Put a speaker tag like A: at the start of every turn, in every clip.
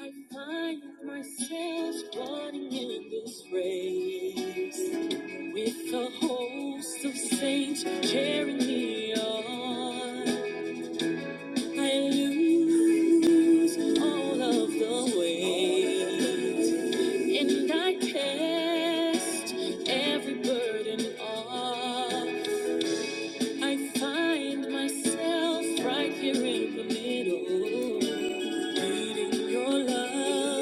A: I find myself running in this race with a host of saints cheering me on. I lose all of the way, and I cast every burden off. I find myself right here in the middle. Needing your love,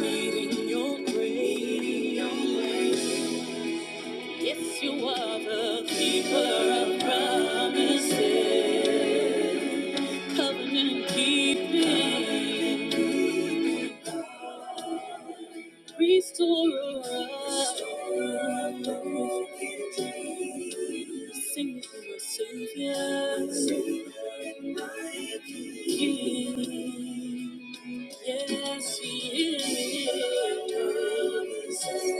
A: needing your grace. Yes, you are the keeper of promises, covenant keeping, restorer. of life. Sing to your Savior, King. Yes, He is.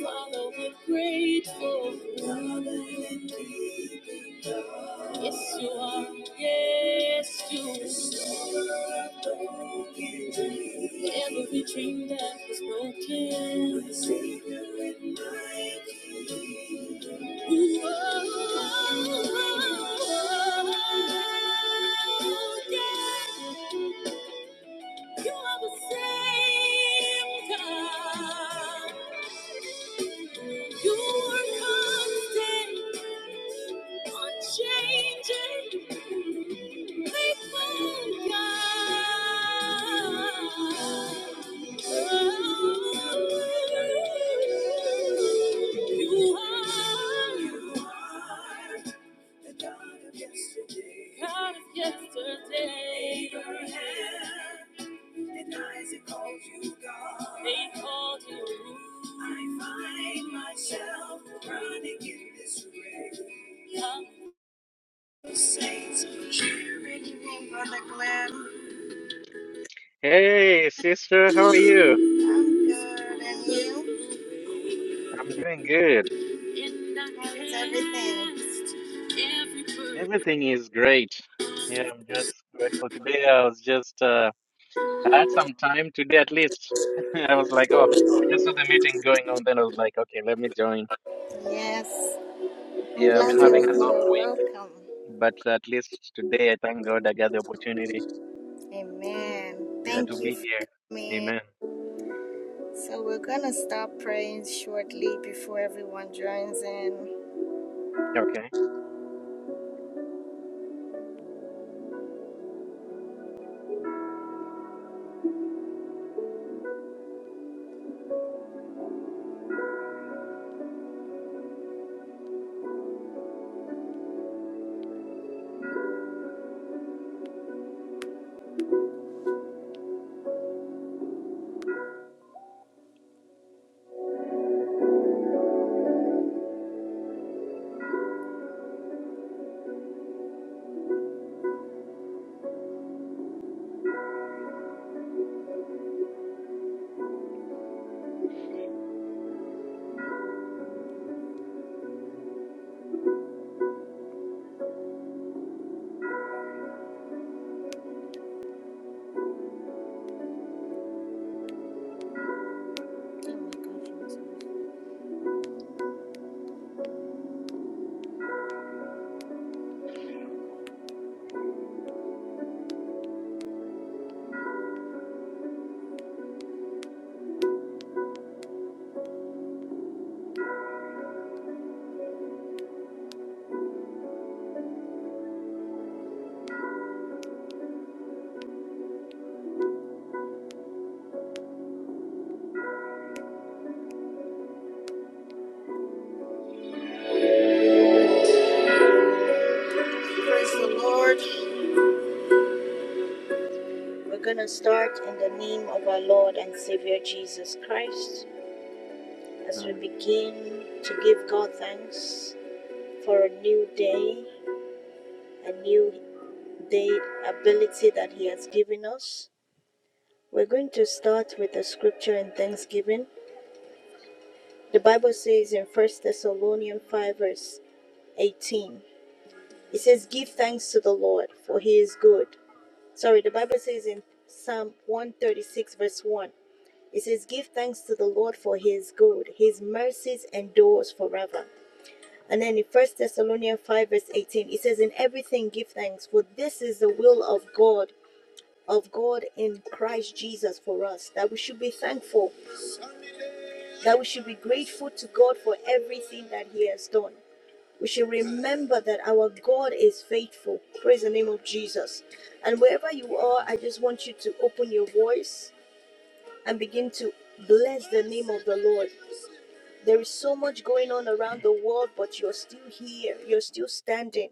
A: Father, we're grateful. Yes, you are. Yes, you are. Every dream that was broken. You are. Oh, Yeah. You are the same God. You are constant, unchanging, faithful God. Oh, You are God of yesterday. Isaac called you God. They called you. I find myself running in this race. Saints cheering me for the glam.
B: Hey, sister, how are you?
A: I'm good, and you?
B: I'm doing good.
A: And I How is everything?
B: Everything is great. Yeah, I'm just grateful. Today I was just, uh, I had some time today at least. I was like, oh, I just saw the meeting going on, then I was like, okay, let me join.
A: Yes, I'm
B: Yeah, I've
A: glad
B: been having
A: you're
B: a
A: here. Welcome.
B: long, but at least today I thank God I got the opportunity,
A: Amen.
B: yeah, to
A: Thank you
B: be here.
A: for coming.
B: Amen.
A: So we're gonna stop praying shortly before everyone joins in.
B: Okay.
A: Praise the Lord. We're going to start in the name of our Lord and Savior Jesus Christ as
B: Mm.
A: we begin to give God thanks for a new day, a new day ability that He has given us. We're going to start with the scripture and thanksgiving. The Bible says in 1 Thessalonians 5, verse 18, it says, Give thanks to the Lord, for He is good. Sorry, the Bible says in Psalm 136, verse 1. It says, Give thanks to the Lord for his good, his mercies endures forever. And then in First Thessalonians 5, verse 18, it says, In everything give thanks, for this is the will of God, of God in Christ Jesus for us, that we should be thankful, that we should be grateful to God for everything that he has done. We should remember that our God is faithful. Praise the name of Jesus. And wherever you are, I just want you to open your voice and begin to bless the name of the Lord. There is so much going on around the world, but you're still here. You're still standing.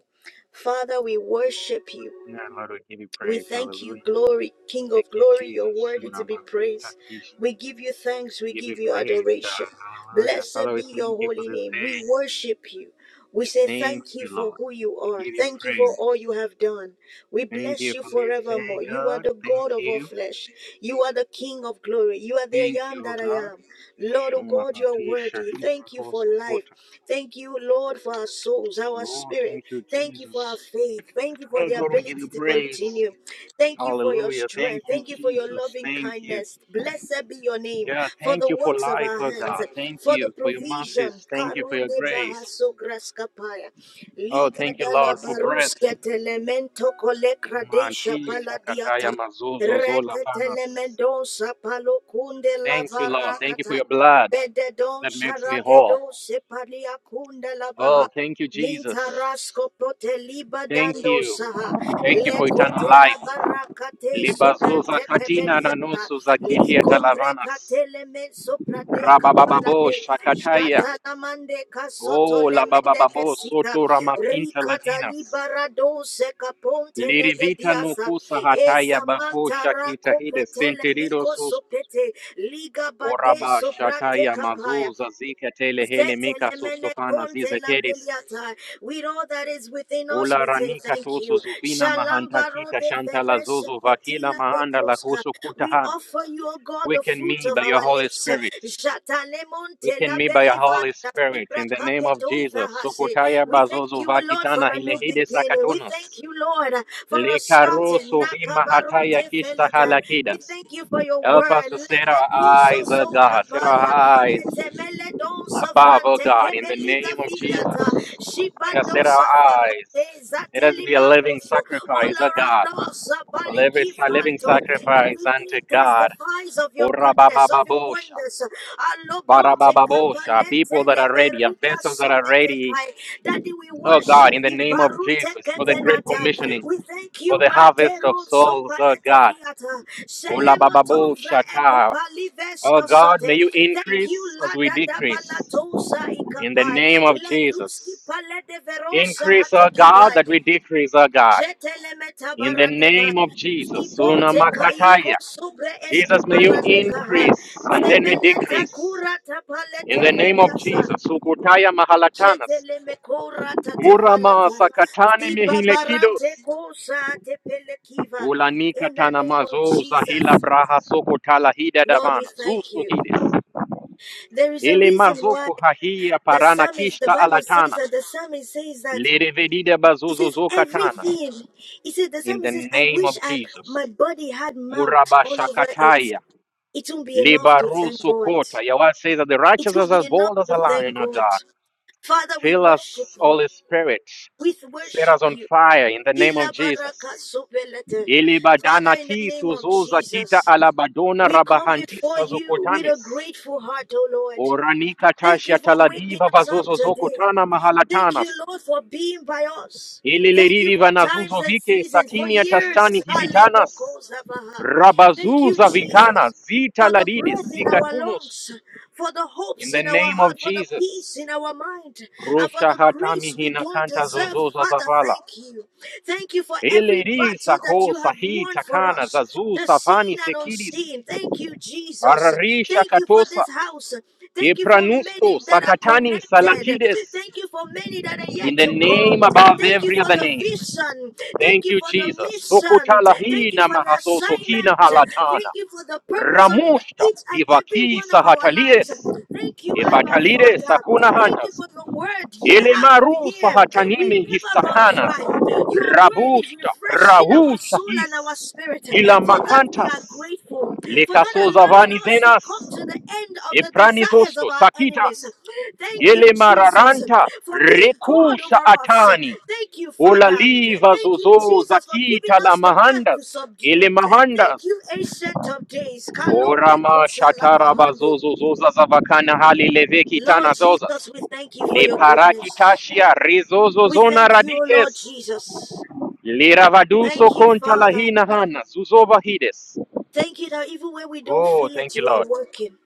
A: Father, we worship you.
B: Yeah, Lord, we give you
A: We
B: praise.
A: thank you,
B: Hallelujah.
A: glory, King of glory, you're
B: Jesus,
A: worthy to
B: Sura
A: be
B: Makita
A: praised.
B: Kish.
A: We give you thanks, we
B: We give you
A: give you
B: praise, God.
A: adoration.
B: Hallelujah.
A: Blessed
B: Father, we
A: be
B: thank
A: your
B: you for
A: holy
B: this
A: name. We
B: day.
A: worship you. We say
B: Thank
A: thank you
B: you,
A: for
B: Lord.
A: who you
B: We
A: are.
B: give you
A: Thank you for
B: praise.
A: all you have done. We
B: Thank
A: bless
B: you
A: you
B: for this
A: forevermore.
B: day,
A: You are
B: God.
A: the
B: Thank
A: God of all
B: you.
A: flesh. You are the King of glory. You are the
B: Thank
A: I am
B: you, O
A: that I
B: God.
A: am. Lord, oh God, you are
B: Shumahatisha
A: worthy. Thank you for life.
B: hiprahosokota.
A: Thank you, Lord, for our souls, our
B: Lord,
A: spirit.
B: thank you,
A: Thank you for our
B: Jesus.
A: faith. Thank you for
B: Oh,
A: the
B: God, we give
A: ability
B: you
A: to
B: praise.
A: continue. Thank you for your
B: Hallelujah. Thank
A: strength.
B: you,
A: Thank you for your
B: Jesus.
A: loving
B: Thank you.
A: kindness. Blessed be your name
B: Yeah,
A: for
B: thank
A: the
B: you for
A: works of
B: life,
A: our
B: oh
A: hands,
B: God. Thank
A: for the
B: you for your
A: provision.
B: mercies. Thank you for
A: Karo
B: your
A: de
B: grace.
A: bahaso graskapaya.
B: Oh,
A: Liga
B: thank you,
A: da la
B: Lord, for breath.
A: baruske telemento kolekradesha
B: Manti
A: paladiata.
B: shakataya mazozo zola panas.
A: Reketelemendonsa palokunde la
B: Thank you, Lord. Thank you for
A: varakata.
B: your blood
A: Bededon
B: that makes me whole.
A: sharagedo sepalia kunda labaha.
B: Oh, thank you, Jesus.
A: Mintarasko poteliba
B: Thank
A: dando
B: you.
A: saha.
B: Thank you for eternal
A: Lekote la
B: life.
A: barakate
B: Libazuza
A: sobrante
B: katina na
A: kebediata.
B: nusu za kiti ya
A: Likombre
B: talavanas.
A: katele men
B: Rabababo
A: balade.
B: shakataya.
A: Jata la mande kasoto
B: Oh,
A: le mende
B: labababo
A: kesita.
B: soto ramakinta
A: Rikata
B: latinas.
A: libara dose kaponte
B: Lirivita
A: legediasa.
B: nukusa hataya
A: Esa
B: bako
A: manta
B: shakita
A: rako
B: hide
A: petele
B: senterido
A: miko
B: sus.
A: sopete. Liga bade
B: Oraba
A: soprate
B: shataya
A: kapaya.
B: mazuza zika tele hele mika
A: Zetelemene
B: sustofana
A: konte la
B: zize
A: beliata. With all that is within us,
B: Ola
A: we say
B: ranika
A: thank
B: toso
A: you.
B: zovina
A: Shalom baro
B: mahantakita
A: de
B: shantala
A: feresh
B: zozo vakila
A: petila
B: mahanda la
A: bekoska.
B: koso
A: We
B: kutahana.
A: offer you, O God, the
B: Quicken
A: fruit
B: me
A: of
B: by your
A: our
B: Holy
A: lips.
B: Spirit.
A: Jatalemonte
B: Quicken
A: la
B: me by your Holy
A: belivanta
B: Spirit
A: sipra
B: in the name of
A: kapetova
B: Jesus.
A: hase.
B: Sokotaya
A: We thank
B: bazozo
A: you, O Lord,
B: vakitana
A: for a new
B: hilehide
A: beginning. We
B: sakatonas.
A: thank you, Lord, for for a
B: Lekaro
A: starting.
B: sovi Hataya
A: Nakabarute
B: kista
A: felete. We
B: halakidas.
A: thank you for your
B: Help us
A: word.
B: to set our
A: Lebediso
B: eyes, O
A: so
B: God, set
A: kapalia.
B: our eyes
A: Etemele don
B: above, O
A: savrante.
B: God, in the
A: Kebeliga
B: name of
A: viliata.
B: Jesus. Let us
A: Shibando
B: set our
A: safaka.
B: eyes. Let us be a living
A: Zatelimankoso all
B: sacrifice, O God.
A: around us, Abali
B: Liv- it's A living
A: Kivranto.
B: sacrifice unto
A: Everything
B: God.
A: testifies of your goodness, of your
B: Orabababosha,
A: wonders. Alobronte
B: barabababosha,
A: kapalente
B: People that are ready, uh,
A: leberika
B: vessels that are ready,
A: sopetekai. Daddy, we
B: oh God,
A: worship
B: in the
A: you.
B: name of
A: Barute
B: Jesus, for the great
A: kevenata.
B: commissioning,
A: We thank
B: for
A: you,
B: the harvest of
A: Mantero
B: souls, oh
A: sopalete
B: God.
A: viata. Selemoton vra
B: Olabababosha ta.
A: ekopali
B: Oh
A: vesto
B: God, may
A: sote.
B: you
A: Thank you,
B: increase as we
A: Lada
B: decrease,
A: dabalatosa
B: in the
A: ikapai.
B: name of Jesus.
A: Legruski palede verosa
B: Increase, oh God,
A: hatekipai.
B: that we decrease, oh God,
A: Jetelemeta
B: in the name
A: baradevai.
B: of Jesus.
A: Zibonte
B: Sunamakataya.
A: kaiko sobre eski
B: Jesus, may you
A: paradekahai.
B: increase and let me
A: Zemeneta
B: decrease.
A: kura
B: In
A: tapalete
B: the name of
A: veriasa.
B: Jesus, Sukutaya Mahalatanas,
A: Sheteleme kora
B: Murama
A: tatavalatai.
B: Sakatani
A: Zibabarate
B: Mihilekidos,
A: kosa tepelekiva.
B: Ulanika
A: In the name of
B: Tanamazo Zahila
A: Jesus.
B: Braha Sukutala Hida
A: Lord, we
B: Davana,
A: thank
B: Zustu
A: you.
B: Hides,
A: There is a
B: Ele
A: reason why
B: Mazuku Hahia
A: the
B: Parana
A: psalmist, the
B: Kishta
A: Bible says
B: Alatana,
A: that the psalmist says that
B: Lirivedida
A: It
B: Bazuzu
A: says
B: zokatana.
A: everything. It says the
B: In
A: psalmist
B: the
A: says, I
B: name
A: wish
B: of
A: I
B: Jesus,
A: my body had mouth
B: Muraba
A: all over it.
B: Shakataya,
A: It won't be enough to
B: Libaru
A: thank God.
B: Sukota. Your word says that the
A: It
B: righteous are
A: won't be
B: as
A: enough
B: bold as
A: to
B: a
A: thank
B: lion, O
A: God.
B: God.
A: Father, we
B: Fill
A: worship
B: us,
A: you.
B: Holy Spirit.
A: We
B: Set
A: worship
B: us on
A: you.
B: fire in the name of
A: Ila
B: Jesus.
A: baraka sopelete. Father,
B: Ilibadana
A: in the
B: ki
A: name of
B: suzuza kita
A: Jesus,
B: alabadona
A: we come before
B: rabahantisa
A: you with a
B: zukotamis.
A: grateful heart, O Lord.
B: Oranika
A: Thank you
B: tasha
A: for waking
B: taladiva
A: us up
B: vazozo
A: today.
B: zokotana
A: Thank you,
B: mahalatanas.
A: Lord, for being by us. Thank you
B: Ililiriri
A: for times
B: vanazuzo
A: and
B: vike
A: seasons, for
B: sakini ya tastani
A: years. Hallelujah.
B: hilitanas.
A: Thank you,
B: Rabazuza vikana
A: Jesus,
B: zita
A: for the breath
B: ladidis
A: in our
B: sikatunus.
A: lungs, for the
B: In
A: hopes
B: the
A: in our
B: name of
A: heart, for the
B: Jesus.
A: peace in our mind, and for
B: Rusha
A: the
B: hatami
A: grace we don't
B: hinakanta
A: deserve.
B: zozoza
A: Father,
B: zavala.
A: thank you. Thank you for every
B: Eleri
A: battle that
B: saho
A: you have
B: sahi
A: won for
B: takana
A: us
B: zazu
A: the
B: safani
A: seen and
B: sekiris
A: unseen. Thank you, Jesus.
B: harari
A: Thank you for
B: shakatosa
A: this house. Thank you for many
B: epranusto
A: that are
B: sakatani
A: connected.
B: salakides
A: Thank you for many that are
B: in
A: yet
B: the
A: to
B: name
A: come.
B: above
A: Thank you
B: every
A: for
B: other
A: the
B: name.
A: vision. Thank
B: Thank
A: you
B: you,
A: for the
B: Jesus.
A: mission. Thank you
B: Sokotalahina
A: for the
B: mahasosokina
A: assignment.
B: halatana
A: Thank you for the purpose on the,
B: ramushta
A: each and every
B: hivaki
A: one of our lives.
B: sahatalies
A: Thank you, Abba
B: efatalides
A: Father.
B: sakuna
A: Thank you
B: hantas
A: for your word year after
B: Elemaru
A: year. We
B: sahatanime
A: never run
B: hisacanas,
A: dry. Your word is
B: rabusta,
A: refreshing our
B: rahusha
A: soul and our
B: his,
A: spirit. For that, we are
B: ilamacantas,
A: grateful for not allowing us to come
B: lecasozavanizenas,
A: to the end of the desires of
B: epranisosto,
A: our enemies.
B: sakitas,
A: Thank you, Jesus,
B: elemararanta,
A: for being God
B: recusha
A: over us.
B: atani,
A: Thank you, Father.
B: olaliva
A: Thank you,
B: zozo
A: Jesus, for giving
B: zakita la
A: us the earth to
B: lamahandas,
A: subdue. Thank
B: elemahandas,
A: you, Ancient of Days.
B: orama
A: Kalobrekoshalabahande.
B: shatarabazozozoza zavacana
A: Lord
B: halilevekitana zozas,
A: Jesus, we thank you for your goodness.
B: leparakitashia
A: We
B: rizozozona
A: thank you, O
B: radikes
A: Lord Jesus.
B: Liravaduso
A: Thank you,
B: conta
A: Father.
B: lahina hana, zuzova hides.
A: Thank you that even when we don't
B: Oh,
A: feel it,
B: thank you,
A: you are
B: Lord.
A: working.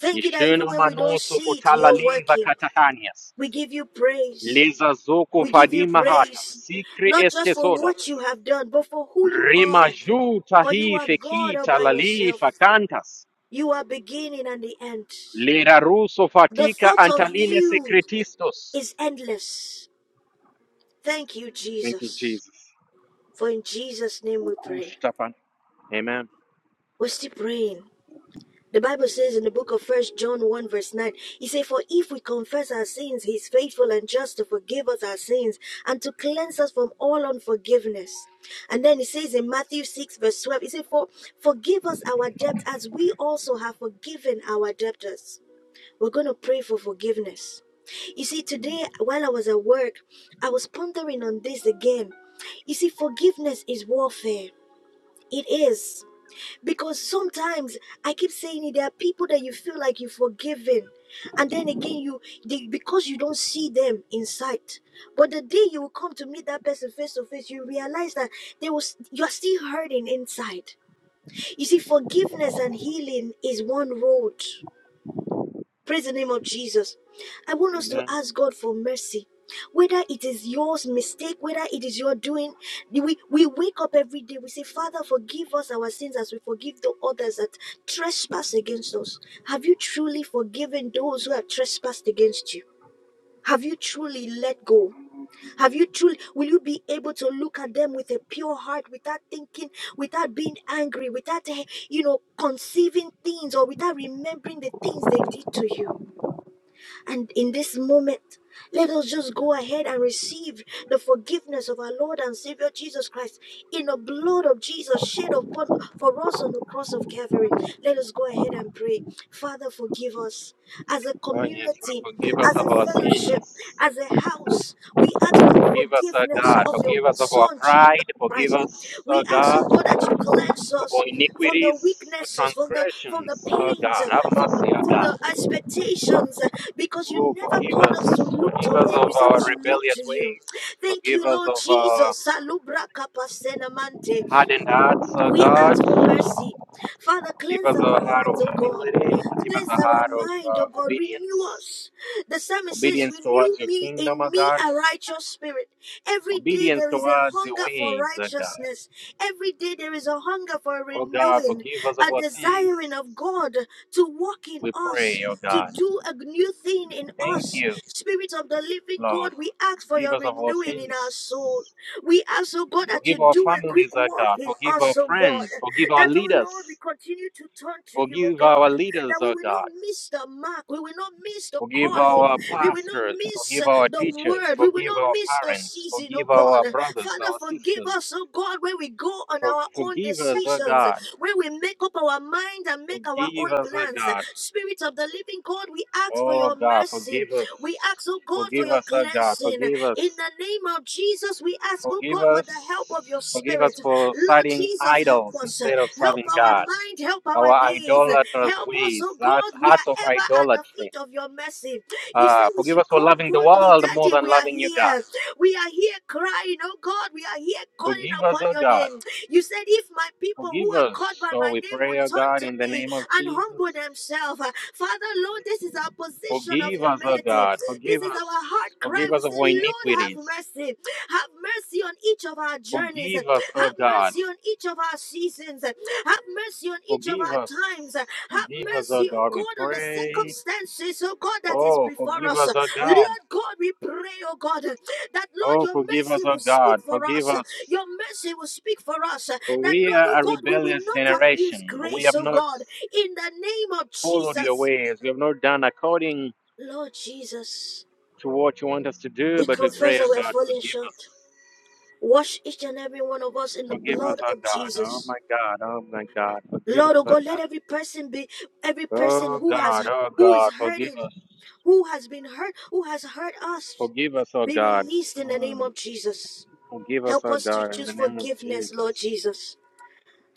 A: Thank you that even
B: Ishuno
A: when we don't
B: manuso
A: see it,
B: kutala
A: you're
B: liva
A: working.
B: katahanias.
A: We give you praise.
B: Leza zoko
A: We give you
B: fadima hata,
A: praise,
B: sikri
A: not just for what
B: estesodas.
A: you have done, but for who you
B: Rima
A: are.
B: juta
A: For you
B: hi
A: are God all
B: fekita
A: by yourself.
B: lalifa cantas.
A: You are beginning and the end.
B: Lira ruso
A: The
B: fatika
A: thought of
B: antaline
A: you
B: secretistos.
A: is endless. Thank you,
B: Thank you,
A: Jesus.
B: Jesus.
A: For in Jesus' name we pray.
B: Ukushtapan. Amen.
A: We're still praying. The Bible says in the book of First John 1 verse 9, he says, For if we confess our sins, he is faithful and just to forgive us our sins and to cleanse us from all unforgiveness. And then he says in Matthew 6 verse 12, he says, For forgive us our debt as we also have forgiven our debtors. We're going to pray for forgiveness. You see, today while I was at work, I was pondering on this again. You see, forgiveness is warfare. It is. Because sometimes I keep saying it, there are people that you feel like you've forgiven. And then again, you they, because you don't see them in sight. But the day you will come to meet that person face to face, you realize that they was you're still hurting inside. You see, forgiveness and healing is one road. Praise the name of Jesus. I want us to
B: Amen.
A: ask God for mercy. Whether it is your mistake, whether it is your doing, we, we wake up every day. We say, Father, forgive us our sins as we forgive the others that trespass against us. Have you truly forgiven those who have trespassed against you? Have you truly let go? Have you truly, will you be able to look at them with a pure heart without thinking, without being angry, without, eh, you know, conceiving things or without remembering the things they did to you? And in this moment, let us just go ahead and receive the forgiveness of our Lord and Savior Jesus Christ in the blood of Jesus shed upon for us on the cross of Calvary. Let us go ahead and pray. Father, forgive us. As a
B: Oh, yes, Lord,
A: community,
B: forgive us
A: as
B: of
A: a
B: our
A: fellowship,
B: sins.
A: as a house, we ask for the
B: Forgive us, O
A: forgiveness
B: God.
A: of your
B: Forgive us of our
A: Son Jesus.
B: pride.
A: Right.
B: Forgive us, O
A: We ask,
B: God,
A: oh God, that you cleanse
B: of
A: us
B: our
A: from the
B: iniquities, our
A: weaknesses, from the from the
B: transgressions, O
A: pains,
B: God. Have
A: from the
B: mercy, O
A: from
B: God.
A: the expectations, because you
B: Oh,
A: never
B: forgive
A: called
B: us.
A: us to look
B: Forgive
A: to
B: us
A: men. You
B: of
A: said we
B: our
A: should look
B: rebellious
A: to you.
B: ways.
A: Thank
B: Forgive
A: you,
B: us
A: Lord
B: of our
A: Jesus. Salubra kapasena
B: hardened hearts, O
A: we ask for
B: God.
A: mercy. Father,
B: Give
A: cleanse
B: us
A: our
B: a heart of
A: hearts, O God.
B: humility. Give us
A: Cleanse
B: a
A: our
B: heart of
A: mind,
B: uh,
A: O God.
B: obedience.
A: Renew us. The psalmist says,
B: Obedience
A: Renew
B: towards your
A: me
B: kingdom, O
A: in me
B: God.
A: a righteous spirit. Every day
B: Obedience
A: there is a
B: towards your
A: hunger for
B: ways, O God.
A: righteousness. Every day there is a hunger for
B: Oh God,
A: renewing,
B: forgive us of
A: a
B: our sins.
A: desiring of God to walk in
B: We pray,
A: us.
B: O
A: To
B: God.
A: do a new thing in
B: Thank
A: us.
B: you.
A: Spirit of the living God,
B: Lord,
A: we ask for
B: forgive
A: your
B: us of our
A: renewing in our soul.
B: sins.
A: We ask, oh God, that you
B: Forgive our
A: do a
B: families,
A: quick
B: O
A: work
B: God.
A: in
B: Forgive our
A: us, oh God.
B: friends. Forgive our
A: That, oh
B: leaders.
A: Lord, we continue to turn to you, oh
B: Forgive our
A: God.
B: leaders,
A: That we
B: O
A: will not
B: God.
A: miss the mark. We will not miss the
B: Forgive
A: calling.
B: our
A: We will not
B: pastors.
A: miss
B: Forgive our
A: the
B: teachers.
A: word. We will
B: Forgive
A: not
B: our
A: miss the
B: parents.
A: season, oh
B: Forgive our
A: God.
B: brothers,
A: Father,
B: our
A: forgive
B: sisters.
A: us, oh God, when we go on
B: For,
A: our own
B: forgive us, O
A: decisions,
B: God.
A: when we make up our mind and make our own
B: Forgive us, O
A: plans.
B: God.
A: Spirit of the living God, we ask for
B: Oh
A: your
B: God,
A: mercy.
B: forgive us.
A: We ask, oh God, for
B: Forgive
A: your
B: us, O God.
A: cleansing.
B: Forgive
A: In
B: us.
A: the name of Jesus, we ask, oh
B: Forgive
A: God, for the
B: us.
A: help of your
B: Forgive us
A: spirit.
B: for
A: Lord
B: citing
A: Jesus, help
B: idols
A: us.
B: instead of
A: Help
B: serving
A: our
B: God.
A: mind, help our
B: our
A: days.
B: idolatrous
A: Help us,
B: ways,
A: oh
B: thats
A: God. We
B: hearts
A: are
B: of
A: ever at the
B: idolatry.
A: feet of your mercy. You say
B: Uh,
A: we
B: forgive us
A: should
B: for
A: come
B: loving the
A: boldly,
B: world more
A: Daddy.
B: than
A: We are
B: loving you, God.
A: here. We are here crying, oh God. We are here calling
B: Forgive us,
A: upon
B: O
A: your
B: God.
A: name. You said, if my people who
B: Forgive
A: are
B: us.
A: called by
B: So
A: my
B: we
A: name would
B: pray, O
A: turn
B: God,
A: to
B: in the
A: me
B: name of
A: and humble
B: Jesus.
A: themselves, Father, Lord, this is our position of
B: Forgive us, O
A: humility.
B: God.
A: This
B: Forgive
A: is our
B: us.
A: heart cry.
B: Forgive
A: We
B: us of
A: say,
B: our
A: Lord, have
B: iniquities.
A: mercy. Have mercy on each of our journeys.
B: Forgive us, O
A: Have
B: God.
A: mercy on each of our seasons. Have mercy on each of
B: Forgive us.
A: our times. Have
B: Forgive us, O
A: mercy, oh
B: God. We
A: God, on the
B: pray.
A: circumstances, oh God, that is
B: Oh,
A: before
B: forgive
A: us.
B: us, O God.
A: Lord God, we pray, oh God, that Lord,
B: Oh,
A: your
B: forgive
A: mercy
B: us, O
A: will speak
B: God.
A: for
B: Forgive
A: us.
B: us.
A: Your mercy will speak for us.
B: For
A: That
B: we
A: Lord, oh
B: are a
A: God, we will
B: rebellious
A: not abuse
B: generation. We
A: grace,
B: have
A: oh
B: not
A: God, in the name of
B: followed your
A: Jesus.
B: ways. We have not done according
A: Lord Jesus.
B: to what you want us to do,
A: We
B: but we
A: confess
B: pray,
A: that
B: oh
A: we have
B: God,
A: fallen
B: forgive us.
A: short. Wash each and every one of us in the
B: Forgive us,
A: blood
B: oh
A: of
B: God. Oh
A: Jesus.
B: my God. Oh my God. Forgive us,
A: Lord oh
B: oh
A: God, let
B: God.
A: every person be every person
B: Oh
A: who has
B: God. Oh
A: who is
B: God. Forgive
A: hurting,
B: us.
A: who has been hurt, who has hurt us,
B: Forgive us, oh
A: be
B: God.
A: released in the name
B: Mm.
A: of Jesus.
B: Forgive us,
A: Help
B: oh
A: us to
B: God, in
A: choose
B: the name of
A: forgiveness,
B: Jesus.
A: Lord Jesus.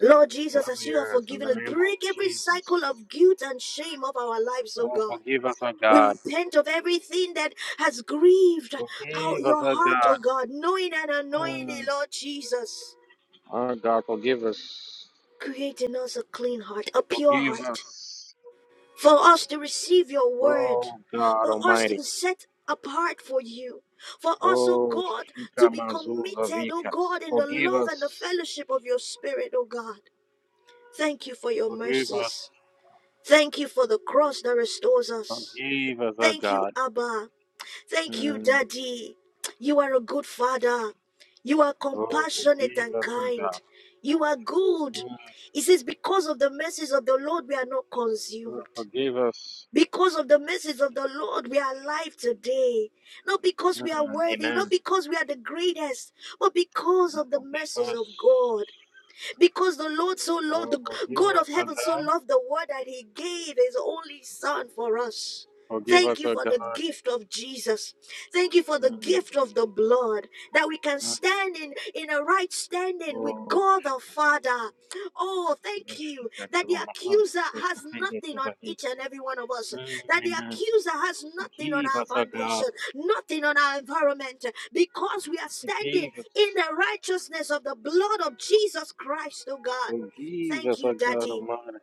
A: Lord
B: Oh
A: Jesus, as you have
B: yes, in
A: forgiven
B: the
A: us,
B: name of
A: break every
B: Jesus.
A: cycle of guilt and shame of our lives, oh
B: Oh,
A: God.
B: forgive us, oh
A: We
B: God.
A: repent of everything that has grieved out
B: Forgive us,
A: your
B: oh
A: heart, O
B: God.
A: God, knowing and unknowingly,
B: Mm.
A: Lord Jesus.
B: Oh God, forgive us.
A: Create in us a clean heart, a pure
B: Forgive
A: heart,
B: us.
A: for us to receive your word,
B: Oh God
A: for us to
B: Almighty.
A: be set apart for you, for us, O
B: Oh,
A: God,
B: Shika
A: to be
B: Mazuza
A: committed, O
B: Vikas.
A: God, in the
B: Forgive
A: love and the
B: us.
A: fellowship of your spirit, O God. Thank you for your
B: Forgive us.
A: mercies. Thank you for the cross that restores us.
B: Forgive us, O
A: Thank you,
B: God.
A: Abba, Thank you,
B: Mm.
A: Daddy. You are a good father. You are
B: Oh,
A: compassionate and
B: forgive us, O
A: kind.
B: God.
A: You are good.
B: Mm.
A: He says, Because of the mercies of the Lord, we are not
B: Oh,
A: consumed.
B: forgive us.
A: Because of the mercies of the Lord, we are alive today. Not because we are
B: Mm.
A: worthy, not
B: Amen.
A: because we are the greatest, but because of the
B: Forgive
A: mercies
B: us.
A: of God. Because the Lord so loved,
B: Oh,
A: the
B: forgive
A: God of
B: us, O
A: heaven so
B: God.
A: loved the world that he gave his only son for us.
B: Forgive
A: Thank
B: us,
A: you
B: O
A: for the
B: God.
A: gift of Jesus. Thank you for the
B: Mm.
A: gift of the blood that we can
B: Mm.
A: stand in in a right standing with
B: Oh,
A: God the Father. Oh, thank you
B: Shika
A: that the
B: Mahanta
A: accuser has nothing
B: Sukhita
A: on
B: Vahi.
A: each and every one of us.
B: Mm.
A: That the
B: Amen.
A: accuser has nothing on
B: Forgive
A: our
B: us, O God.
A: foundation, nothing on our environment because we are standing
B: Forgive us.
A: in the righteousness of the blood of Jesus Christ, oh God.
B: Forgive
A: Thank
B: us,
A: you,
B: O God
A: Daddy.
B: Almighty.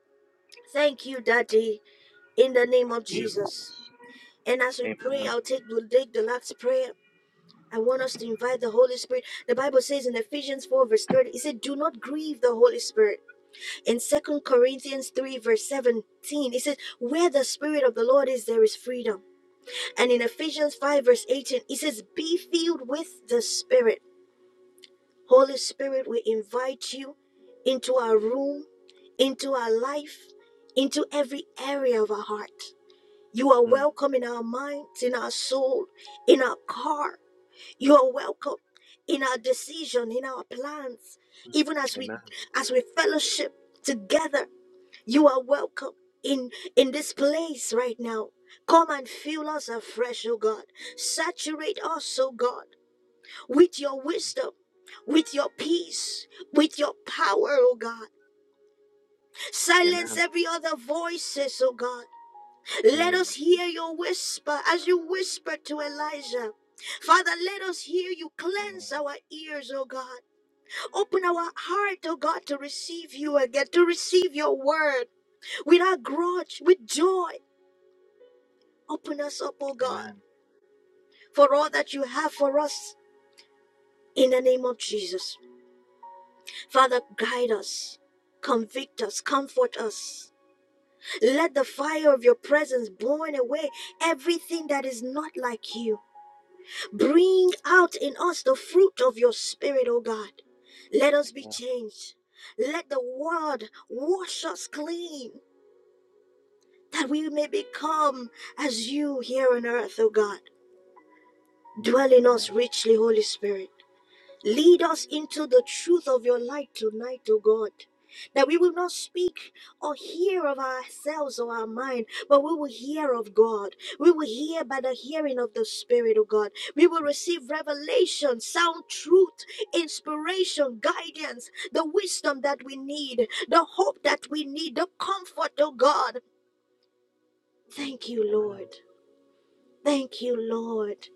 A: Thank you, Daddy, in the name of
B: Forgive
A: Jesus.
B: us.
A: And as we pray,
B: Amen.
A: I'll take, we'll take the last prayer. I want us to invite the Holy Spirit. The Bible says in Ephesians 4, verse 30, it said, Do not grieve the Holy Spirit. In Second Corinthians 3, verse 17, it says, Where the Spirit of the Lord is, there is freedom. And in Ephesians 5, verse 18, it says, Be filled with the Spirit. Holy Spirit, we invite you into our room, into our life, into every area of our heart. You are
B: Mm,
A: welcome in our minds, in our soul, in our car. You are welcome in our decision, in our plans,
B: mm,
A: even as we
B: amen.
A: as we fellowship together. You are welcome in in this place right now. Come and fill us afresh, O God. Saturate us, O God with your wisdom, with your peace, with your power, oh God. Silence
B: Amen.
A: every other voices, oh God. Let
B: Mm,
A: us hear your whisper as you whispered to Elijah. Father, let us hear you cleanse
B: mm,
A: our ears, oh God. Open our heart, oh God, to receive you again, to receive your word without grudge, with joy. Open us up, oh God,
B: amen.
A: for all that you have for us in the name of Jesus. Father, guide us, convict us, comfort us. Let the fire of your presence burn away everything that is not like you. Bring out in us the fruit of your spirit, O God. Let us be
B: Amen.
A: changed. Let the word wash us clean, that we may become as you here on earth, O God.
B: Mm,
A: Dwell in
B: amen.
A: us richly, Holy Spirit. Lead us into the truth of your light tonight, O God. That we will not speak or hear of ourselves or our mind, but we will hear of God. We will hear by the hearing of the Spirit of God. We will receive revelation, sound truth, inspiration, guidance, the wisdom that we need, the hope that we need, the comfort, O God.
B: Mm,
A: Thank you,
B: amen.
A: Lord. Thank you, Lord.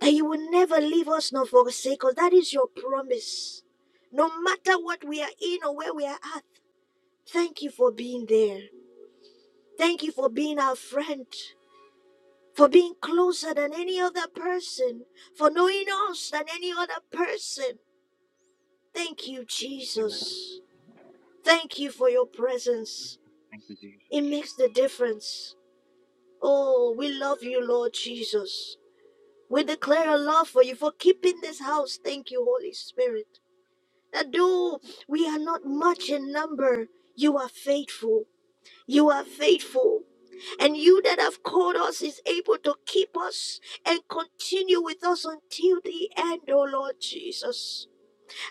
A: That you will never leave us nor forsake us. That is your promise. No matter what we are in or where we are at, thank you for being there. Thank you for being our friend, for being closer than any other person, for knowing us than any other person. Thank you,
B: Amen.
A: Jesus. Thank you for your presence.
B: Thank you, Jesus.
A: It makes the difference. Oh, we love you, Lord Jesus. We declare a love for you for keeping this house. Thank you, Holy Spirit. that though we are not much in number, you are faithful. You are faithful. And you that have called us is able to keep us and continue with us until the end, O Lord Jesus.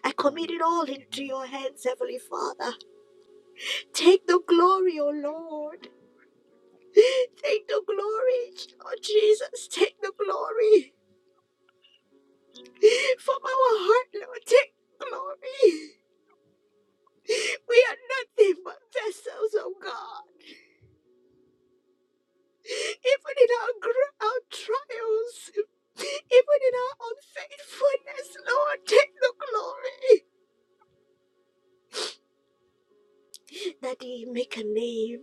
A: I
B: Mm,
A: commit
B: mm,
A: it all into your hands, Heavenly Father. Take the glory, O Lord. Take the glory, Lord Jesus. Take the glory from our heart, Lord. Take glory. We are nothing but vessels, O God. even in our, gr- our trials, even in our unfaithfulness, Lord, take the glory that He make a name.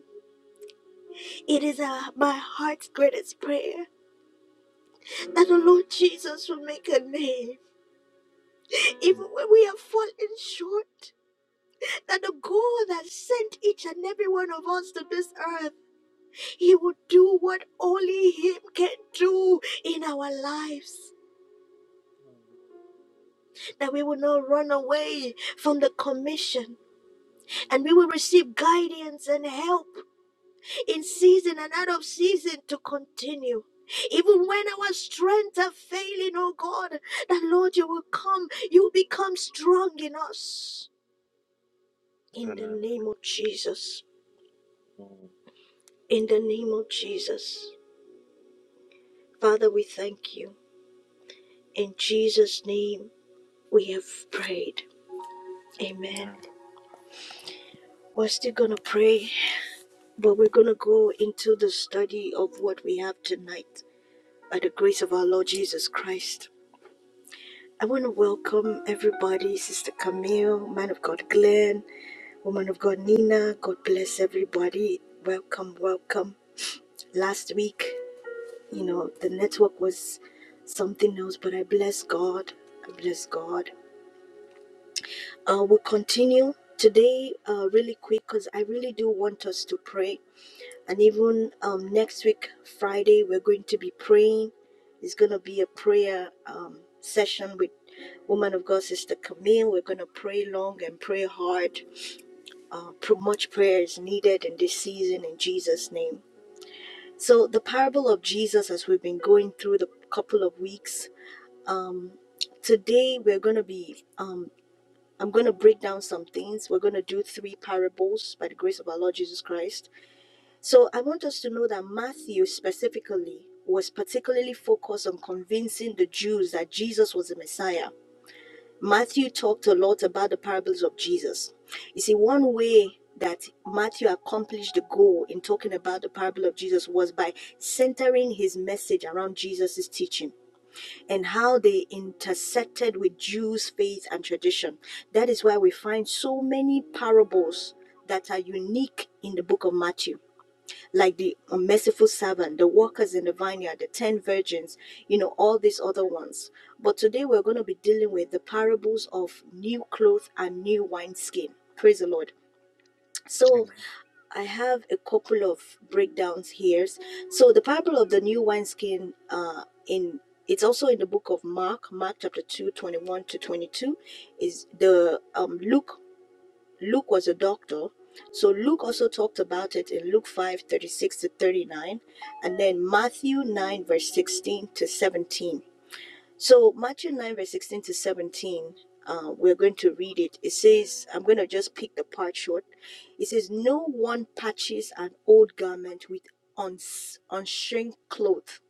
A: It is uh, my heart's greatest prayer that the Lord Jesus will make a name, even
B: mm.
A: when we have fallen short. That the God that sent each and every one of us to this earth, He will do what only Him can do in our lives. That we will not run away from the commission and we will receive guidance and help in season and out of season to continue. Even when our strength are failing, oh God, that Lord, you will come, you will become strong in us. In the
B: amen.
A: name of Jesus.
B: Mm,
A: In the name of Jesus. Father, we thank you. In Jesus' name, we have prayed. Amen.
B: amen.
A: We're still going to pray, but we're going to go into the study of what we have tonight by the grace of our Lord Jesus Christ. I want to welcome everybody, Sister Camille, Man of God Glenn, Woman of God Nina. God bless everybody. Welcome, welcome. Last week, you know, the network was something else, but I bless God. I bless God. Uh, we'll continue today, uh, really quick, because I really do want us to pray. and even um, next week friday we're going to be praying it's going to be a prayer um, session with woman of god sister camille we're going to pray long and pray hard uh, pr- much prayer is needed in this season in jesus name so the parable of jesus as we've been going through the couple of weeks um, today we're going to be um, i'm going to break down some things we're going to do three parables by the grace of our lord jesus christ so I want us to know that Matthew specifically was particularly focused on convincing the Jews that Jesus was the Messiah. Matthew talked a lot about the parables of Jesus. You see, one way that Matthew accomplished the goal in talking about the parable of Jesus was by centering his message around Jesus' teaching and how they intersected with Jews' faith and tradition. That is why we find so many parables that are unique in the book of Matthew like the merciful servant, the workers in the vineyard, the ten virgins, you know, all these other ones. But today we're going to be dealing with the parables of new clothes and new wineskin. Praise the Lord. So
B: Amen.
A: I have a couple of breakdowns here. So the parable of the new wineskin uh in it's also in the book of Mark, Mark chapter 2, 21 to 22. Is the um Luke Luke was a doctor. So Luke also talked about it in Luke 5:36 to 39, and then Matthew 9, verse 16 to 17. So, Matthew 9, verse 16 to 17, uh, we're going to read it. It says, I'm going to just pick the part short. It says, No one patches an old garment with uns- unshrink cloth,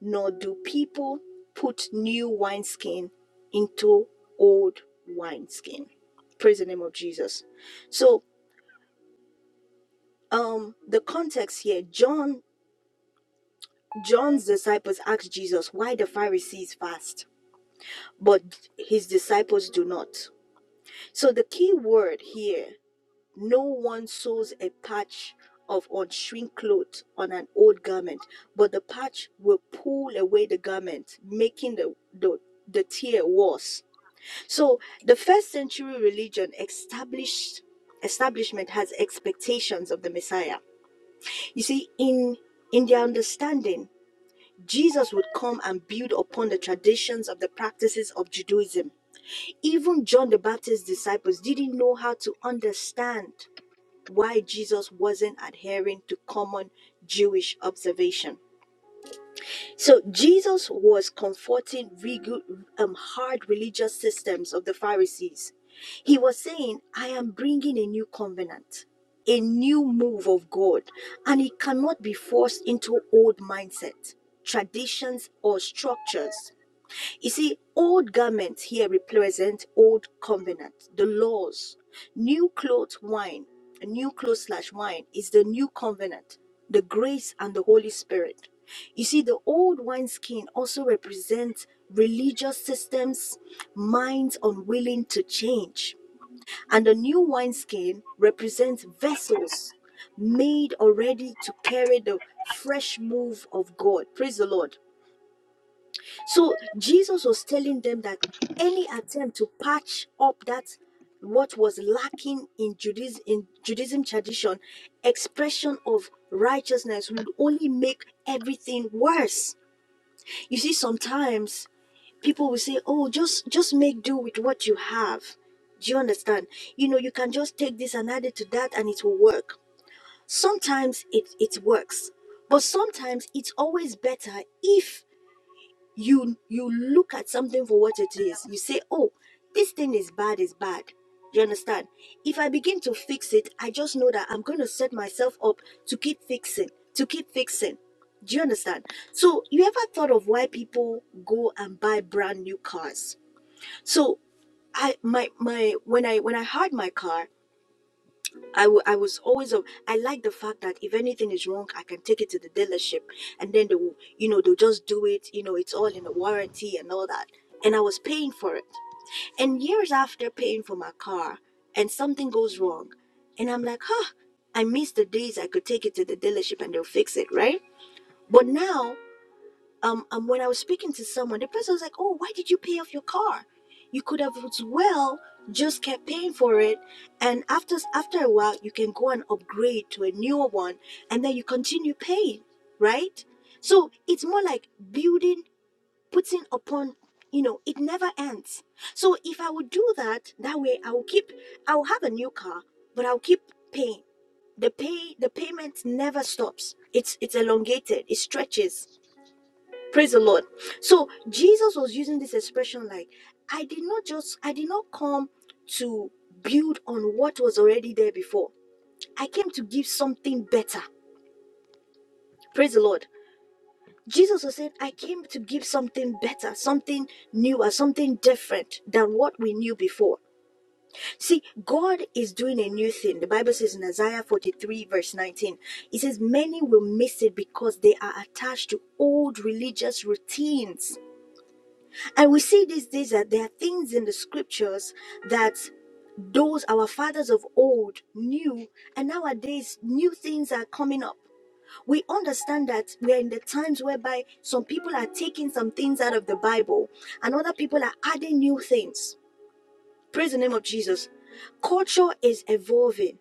A: nor do people put new wineskin into old wineskin. Praise the name of Jesus. So, um the context here john john's disciples asked jesus why the pharisees fast but his disciples do not so the key word here no one sews a patch of unshrink cloth on an old garment but the patch will pull away the garment making the the, the tear worse so the first century religion established establishment has expectations of the messiah you see in in their understanding Jesus would come and build upon the traditions of the practices of Judaism. Even John the Baptist's disciples didn't know how to understand why Jesus wasn't adhering to common Jewish observation. So Jesus was confronting regu- um, hard religious systems of the Pharisees. He was saying, I am bringing a new covenant, a new move of God, and it cannot be forced into old mindset, traditions, or structures. You see, old garments here represent old covenant, the laws. New clothes, wine, new clothes slash wine is the new covenant, the grace and the Holy Spirit. You see, the old wineskin also represents religious systems, minds unwilling to change. And the new wineskin represents vessels made already to carry the fresh move of God. Praise the Lord. So Jesus was telling them that any attempt to patch up that what was lacking in Judaism, in Judaism tradition, expression of righteousness would only make everything worse. You see, sometimes people will say, "Oh, just just make do with what you have." Do you understand? You know, you can just take this and add it to that, and it will work. Sometimes it it works, but sometimes it's always better if you you look at something for what it is you say oh this thing is bad is bad you understand if i begin to fix it i just know that i'm going to set myself up to keep fixing to keep fixing do you understand so you ever thought of why people go and buy brand new cars so i my my when i when i had my car I wa- I was always a, I like the fact that if anything is wrong, I can take it to the dealership, and then they will, you know, they'll just do it. You know, it's all in the warranty and all that. And I was paying for it. And years after paying for my car, and something goes wrong, and I'm like, huh, I miss the days I could take it to the dealership and they'll fix it, right? But now um, um when I was speaking to someone, the person was like, "Oh, why did you pay off your car? You could have as well just kept paying for it, and after after a while, you can go and upgrade to a newer one, and then you continue paying, right? So it's more like building, putting upon." You know, it never ends. So if I would do that, that way I will keep, I will have a new car, but I'll keep paying. The pay, the payment never stops. It's it's elongated. It stretches Praise the Lord. So Jesus was using this expression like, I did not just, I did not come to build on what was already there before. I came to give something better. Praise the Lord. Jesus was saying, I came to give something better, something newer, something different than what we knew before. See, God is doing a new thing. The Bible says in Isaiah 43, verse 19, it says, Many will miss it because they are attached to old religious routines And we see these days that there are things in the scriptures that those our fathers of old knew, and nowadays new things are coming up. We understand that we are in the times whereby some people are taking some things out of the Bible and other people are adding new things. Praise the name of Jesus. Culture is evolving.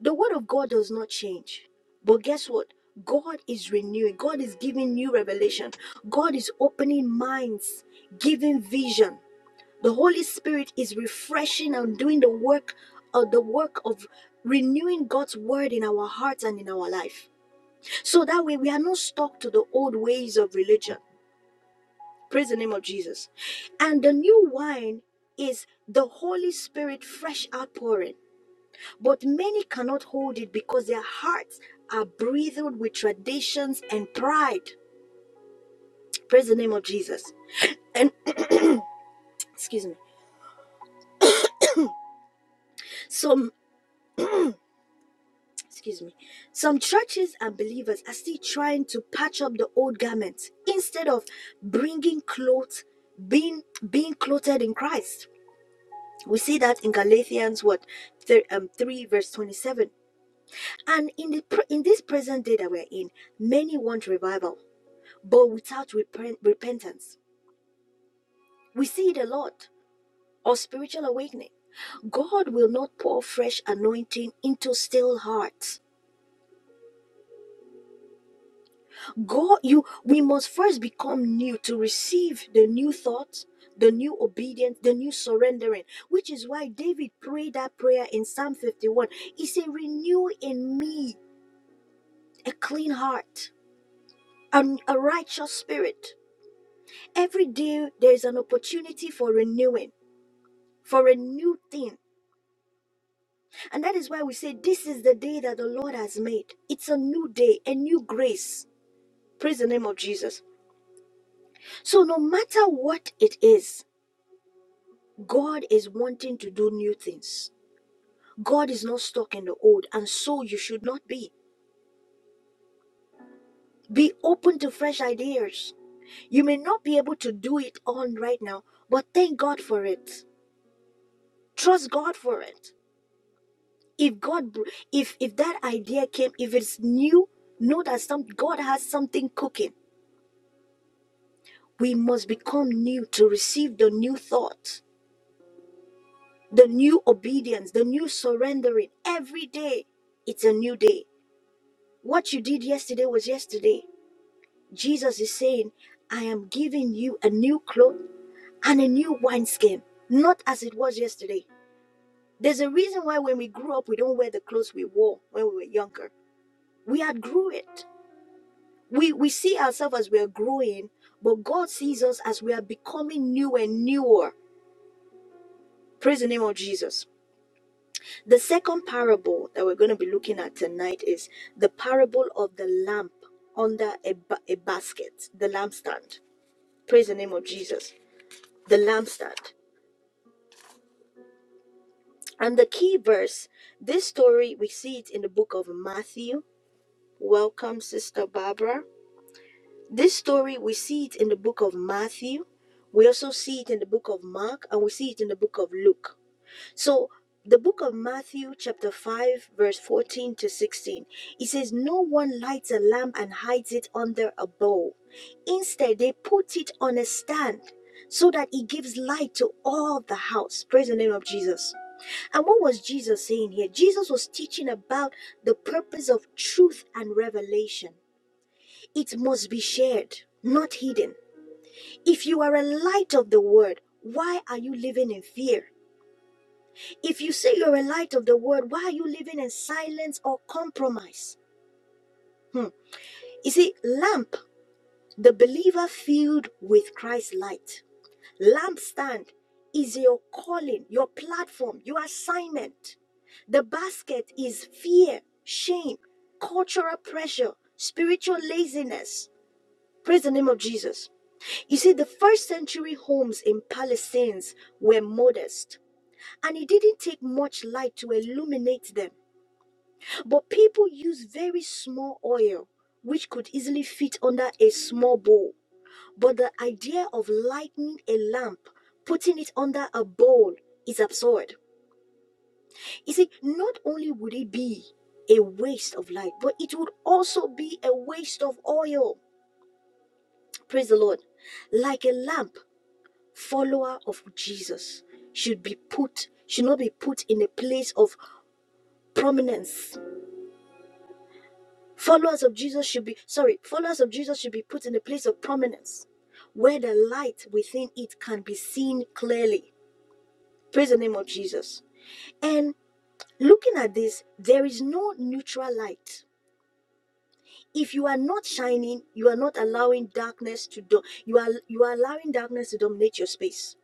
A: The word of God does not change. But guess what? God is renewing. God is giving new revelation. God is opening minds, giving vision. The Holy Spirit is refreshing and doing the work of the work of renewing God's word in our hearts and in our life. So that way we are not stuck to the old ways of religion. Praise the name of Jesus. And the new wine is the Holy Spirit fresh outpouring. But many cannot hold it because their hearts are breathed with traditions and pride. Praise the name of Jesus. And excuse me. So excuse me, some churches and believers are still trying to patch up the old garments instead of bringing clothes, being being clothed in Christ. We see that in Galatians what thir um, three verse twenty seven, and in the pre- in this present day that we're in, many want revival, but without repent- repentance. We see it a lot or spiritual awakening. God will not pour fresh anointing into stale hearts God, you we must first become new to receive the new thoughts, the new obedience, the new surrendering, which is why David prayed that prayer in Psalm 51. He said, Renew in me a clean heart and a righteous spirit. Every day there is an opportunity for renewing, for a new thing. And that is why we say, This is the day that the Lord has made. It's a new day, a new grace. Praise the name of Jesus. So, no matter what it is, God is wanting to do new things. God is not stuck in the old, and so you should not be. Be open to fresh ideas. You may not be able to do it all right now, but thank God for it. Trust God for it. If God, br- if if that idea came, if it's new, know that some God has something cooking. We must become new to receive the new thought, the new obedience, the new surrendering every day. It's a new day. What you did yesterday was yesterday Jesus is saying, I am giving you a new cloth and a new wineskin, not as it was yesterday. There's a reason why when we grew up, we don't wear the clothes we wore when we were younger. We had grew it. We, we see ourselves as we are growing, but God sees us as we are becoming new and newer. Praise the name of Jesus. The second parable that we're going to be looking at tonight is the parable of the lamp under a, ba- a basket, the lampstand. Praise the name of Jesus. The lampstand. And the key verse, this story, we see it in the book of Matthew. Welcome, Sister Barbara. This story, we see it in the book of Matthew. We also see it in the book of Mark, and we see it in the book of Luke. So, the book of Matthew, chapter 5, verse 14 to 16, it says, No one lights a lamp and hides it under a bowl. Instead, they put it on a stand so that it gives light to all the house. Praise the name of Jesus. And what was Jesus saying here? Jesus was teaching about the purpose of truth and revelation. It must be shared, not hidden. If you are a light of the world, why are you living in fear? If you say you're a light of the world, why are you living in silence or compromise? Hmm. You see, lamp, the believer filled with Christ's light. Lampstand is your calling, your platform, your assignment. The basket is fear, shame, cultural pressure, spiritual laziness. Praise the name of Jesus. You see, the first century homes in Palestine were modest, and it didn't take much light to illuminate them. But people used very small oil, which could easily fit under a small bowl. But the idea of lighting a lamp, putting it under a bowl, is absurd. You see, not only would it be a waste of light, but it would also be a waste of oil. Praise the Lord. Like a lamp, follower of Jesus should be put, should not be put in a place of prominence. Followers of Jesus should be, sorry, followers of Jesus should be put in a place of prominence where the light within it can be seen clearly. Praise the name of Jesus. And looking at this, there is no neutral light. If you are not shining, you are not allowing darkness to do. You are you are allowing darkness to dominate your space.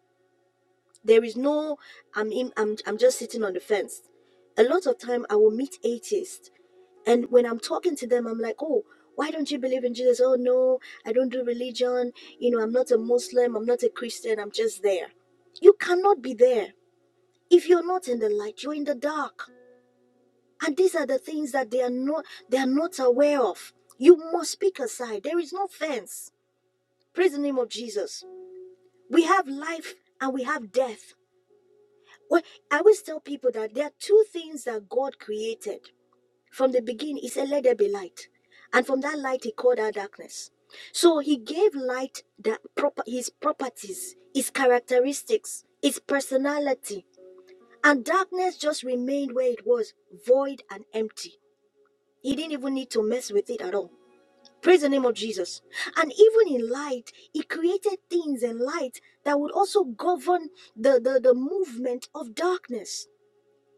A: There is no. I'm in, I'm I'm just sitting on the fence. A lot of time, I will meet atheists, and when I'm talking to them, I'm like, oh. Why don't you believe in Jesus? Oh no, I don't do religion. You know, I'm not a Muslim. I'm not a Christian. I'm just there. You cannot be there if you're not in the light. You're in the dark. And these are the things that they are not they are not aware of. You must speak aside. There is no fence. Praise the name of Jesus. We have life and we have death. Well, I always tell people that there are two things that God created. From the beginning, He said, Let there be light. And from that light, He called out darkness. So He gave light that proper His properties, His characteristics, His personality. And darkness just remained where it was, void and empty. He didn't even need to mess with it at all. Praise the name of Jesus. And even in light, he created things in light that would also govern the, the, the movement of darkness.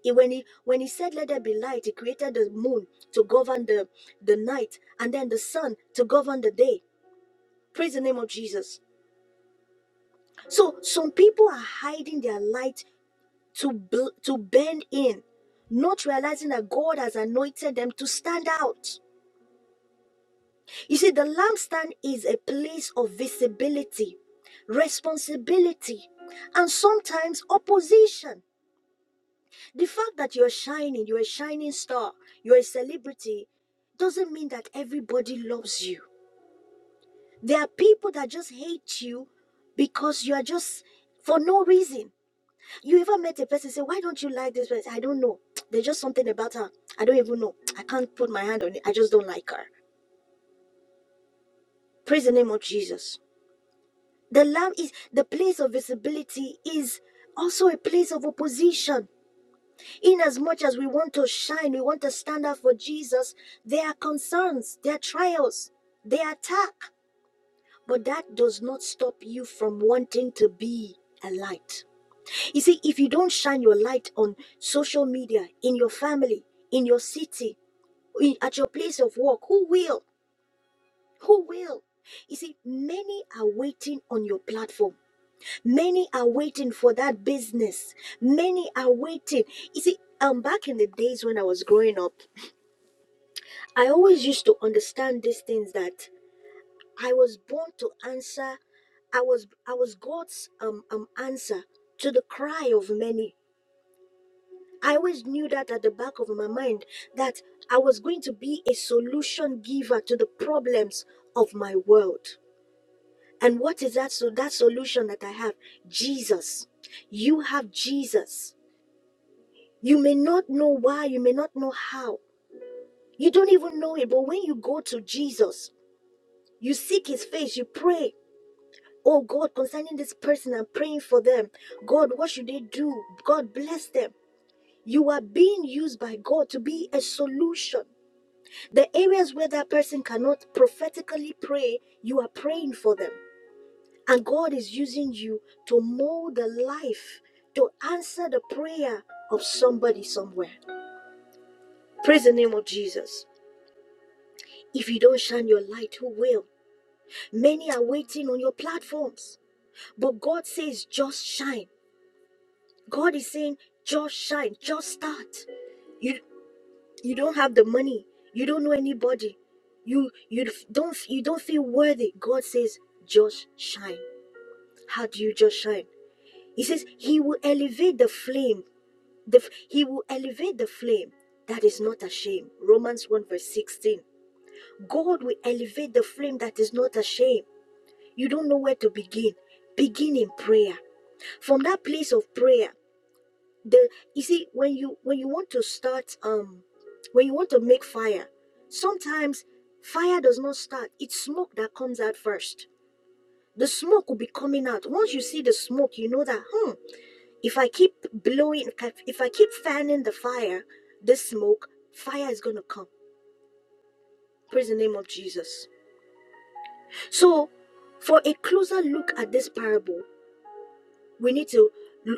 A: He- when, he, when he said, Let there be light, he created the moon to govern the, the night and then the sun to govern the day. Praise the name of Jesus. So some people are hiding their light to, bl- to bend in, not realizing that God has anointed them to stand out. You see, the lampstand is a place of visibility, responsibility, and sometimes opposition. The fact that you're shining, you're a shining star, you're a celebrity, doesn't mean that everybody loves you. There are people that just hate you because you are just for no reason. You ever met a person say, "Why don't you like this person?" I don't know. There's just something about her. I don't even know. I can't put my hand on it. I just don't like her. Praise the name of Jesus The lamb is the place of visibility is also a place of opposition. In as much as we want to shine, we want to stand up for Jesus, there are concerns, there are trials, there are attack. But that does not stop you from wanting to be a light. You see, if you don't shine your light on social media, in your family, in your city, in, at your place of work, who will? Who will? You see, many are waiting on your platform Many are waiting for that business. Many are waiting. You see, um, back in the days when I was growing up, I always used to understand these things that I was born to answer. I was I was God's um, um answer to the cry of many. I always knew that at the back of my mind that I was going to be a solution giver to the problems of my world. And what is that so that solution that I have? Jesus. You have Jesus. You may not know why, you may not know how. You don't even know it, but when you go to Jesus, you seek his face, you pray. Oh God, concerning this person, I'm praying for them. God, what should they do? God, bless them. You are being used by God to be a solution. The areas where that person cannot prophetically pray, you are praying for them. And God is using you to mold the life, to answer the prayer of somebody somewhere. Praise the name of Jesus. If you don't shine your light, who will? Many are waiting on your platforms. But God says, just shine. God is saying, just shine, just start. You you don't have the money. You don't know anybody. You you f- don't f- you don't feel worthy. God says, just shine. How do you just shine? He says he will elevate the flame. The, f- he will elevate the flame that is not ashamed. Romans 1 verse 16. God will elevate the flame that is not ashamed. you don't know where to begin begin in prayer from that place of prayer the you see when you when you want to start um when you want to make fire sometimes fire does not start it's smoke that comes out first the smoke will be coming out once you see the smoke you know that hmm if i keep blowing if i keep fanning the fire this smoke fire is going to come praise the name of jesus so for a closer look at this parable we need to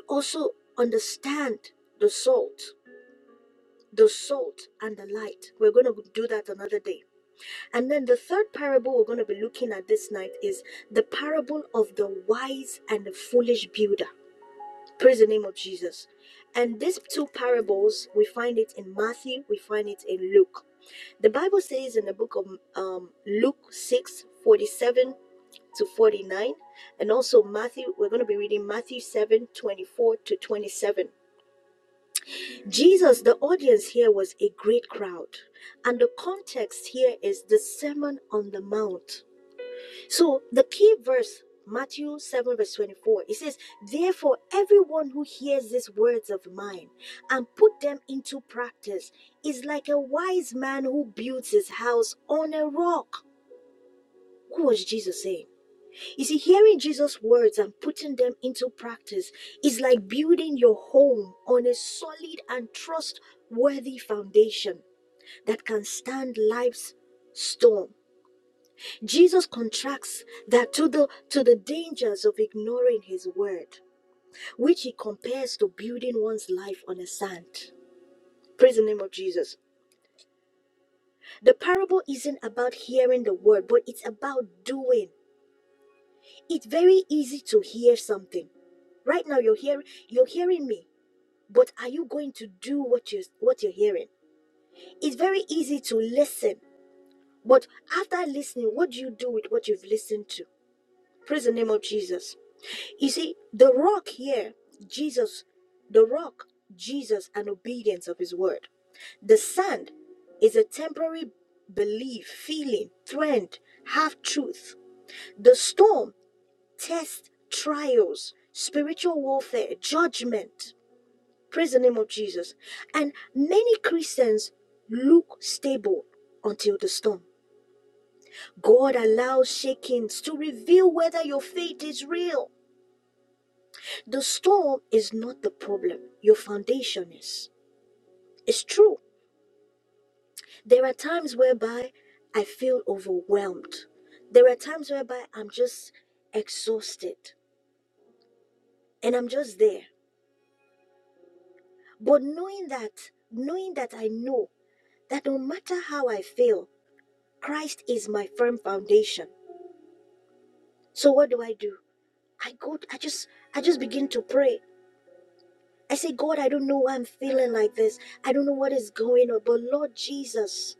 A: also understand the salt the salt and the light we're going to do that another day and then the third parable we're going to be looking at this night is the parable of the wise and the foolish builder praise the name of jesus and these two parables we find it in matthew we find it in luke the bible says in the book of um, luke 6:47 to 49 and also matthew we're going to be reading matthew 7 24 to 27 jesus the audience here was a great crowd and the context here is the sermon on the mount so the key verse Matthew 7 verse 24 it says therefore everyone who hears these words of mine and put them into practice is like a wise man who builds his house on a rock who was Jesus saying You see, hearing Jesus' words and putting them into practice is like building your home on a solid and trustworthy foundation that can stand life's storm. Jesus contrasts that to the to the dangers of ignoring his word, which he compares to building one's life on the sand. Praise the name of Jesus. The parable isn't about hearing the word, but it's about doing It's very easy to hear something. Right now you're hearing you're hearing me, but are you going to do what you what you're hearing? It's very easy to listen, but after listening, what do you do with what you've listened to? Praise the name of Jesus. You see, the rock here, Jesus, the rock, Jesus, and obedience of his word. The sand is a temporary belief, feeling, trend, half truth. The storm tests, trials, spiritual warfare, judgment. Praise the name of Jesus. And many Christians look stable until the storm. God allows shakings to reveal whether your faith is real. The storm is not the problem, your foundation is. It's true. There are times whereby I feel overwhelmed. There are times whereby I'm just exhausted and I'm just there. But knowing that, knowing that I know that no matter how I feel, Christ is my firm foundation. So what do I do? I go I just I just begin to pray. I say, God, I don't know why I'm feeling like this. I don't know what is going on, but Lord Jesus,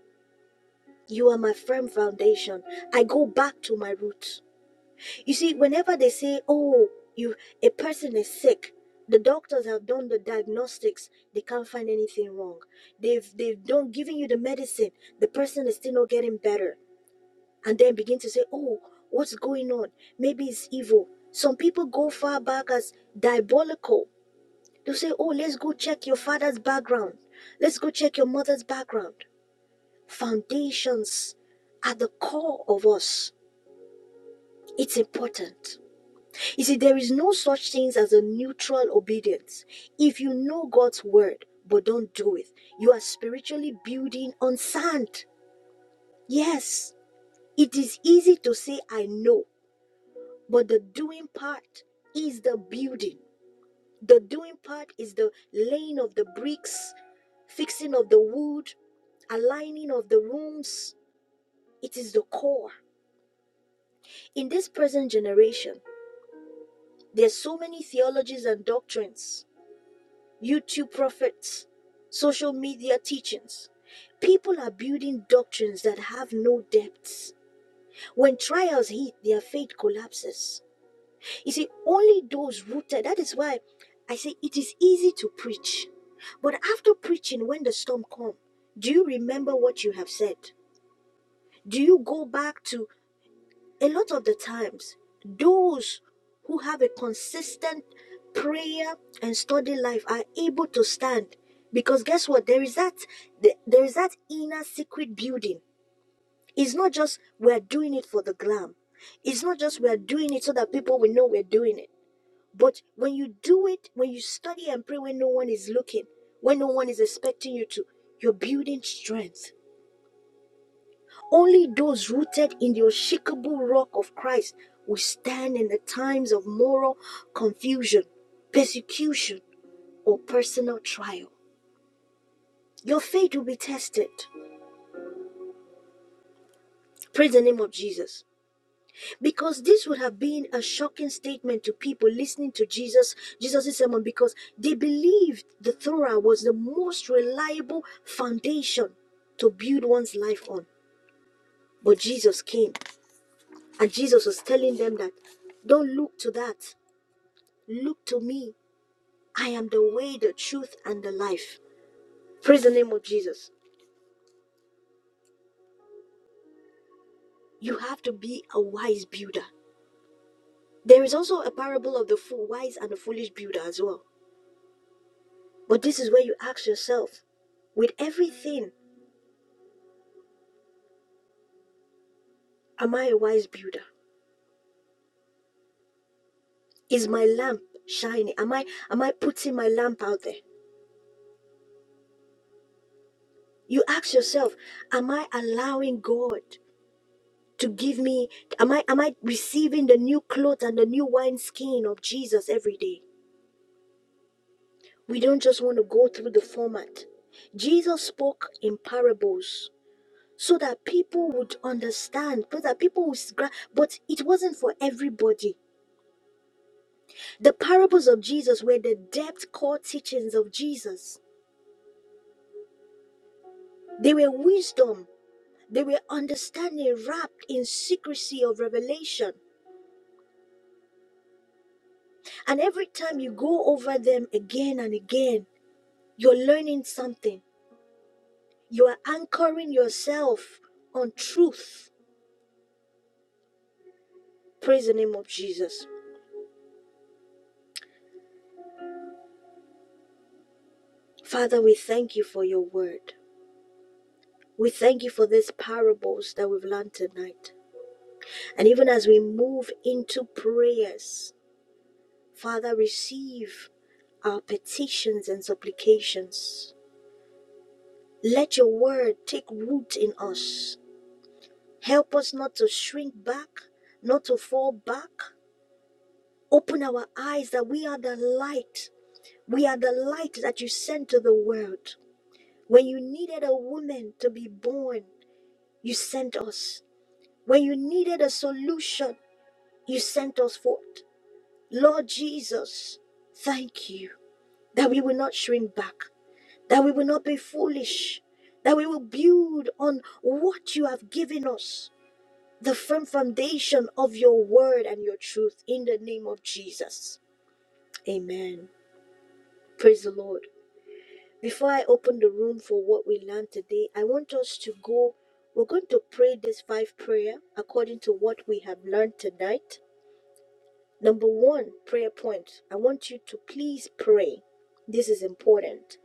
A: you are my firm foundation. I go back to my roots. You see, whenever they say, "Oh, you a person is sick," the doctors have done the diagnostics. They can't find anything wrong. They've they've done giving you the medicine. The person is still not getting better and then begin to say, Oh, what's going on? Maybe it's evil. Some people go far back as diabolical. They'll say, Oh, let's go check your father's background. Let's go check your mother's background. Foundations are the core of us. It's important. You see, there is no such thing as a neutral obedience. If you know God's word but don't do it, you are spiritually building on sand. Yes, it is easy to say, I know, But the doing part is the building. The doing part is the laying of the bricks, fixing of the wood, aligning of the rooms. It is the core. In this present generation, there's so many theologies and doctrines, YouTube prophets, social media teachings. People are building doctrines that have no depths. When trials hit, their faith collapses. You see, only those rooted, that is why I say it is easy to preach. But after preaching, when the storm comes, do you remember what you have said? Do you go back to a lot of the times those who have a consistent prayer and study life are able to stand? Because guess what? There is that there is that inner secret building. It's not just we're doing it for the glam. It's not just we're doing it so that people will know we're doing it but when you do it, when you study and pray when no one is looking, when no one is expecting you to, you're building strength. Only those rooted in the unshakable rock of Christ will stand in the times of moral confusion, persecution, or personal trial. Your faith will be tested. Praise the name of Jesus. Because this would have been a shocking statement to people listening to Jesus, Jesus' sermon, because they believed the Torah was the most reliable foundation to build one's life on. But Jesus came, and Jesus was telling them that don't look to that. Look to me. I am the way, the truth, and the life. Praise the name of Jesus. You have to be a wise builder. There is also a parable of the fool, wise and the foolish builder as well. But this is where you ask yourself with everything, am I a wise builder? Is my lamp shining? Am I am I putting my lamp out there? You ask yourself, am I allowing God to give me am I am I receiving the new clothes and the new wine skin of Jesus every day? We don't just want to go through the format. Jesus spoke in parables so that people would understand, so that people would gra- but it wasn't for everybody The parables of Jesus were the depth core teachings of Jesus. They were wisdom. They were understanding wrapped in secrecy of revelation. And every time you go over them again and again, you're learning something. You are anchoring yourself on truth. Praise the name of Jesus. Father, we thank you for your word. We thank you for these parables that we've learned tonight. And even as we move into prayers, Father, receive our petitions and supplications. Let your word take root in us. Help us not to shrink back, not to fall back. Open our eyes that we are the light. We are the light that you sent to the world. When you needed a woman to be born, you sent us. When you needed a solution, you sent us forth. Lord Jesus, thank you that we will not shrink back. that we will not be foolish, that we will build on what you have given us, the firm foundation of your word and your truth in the name of Jesus. Amen. Praise the Lord. Before I open the room for what we learned today, I want us to go. We're going to pray this five prayer according to what we have learned tonight. Number one, prayer point. I want you to please pray. This is important.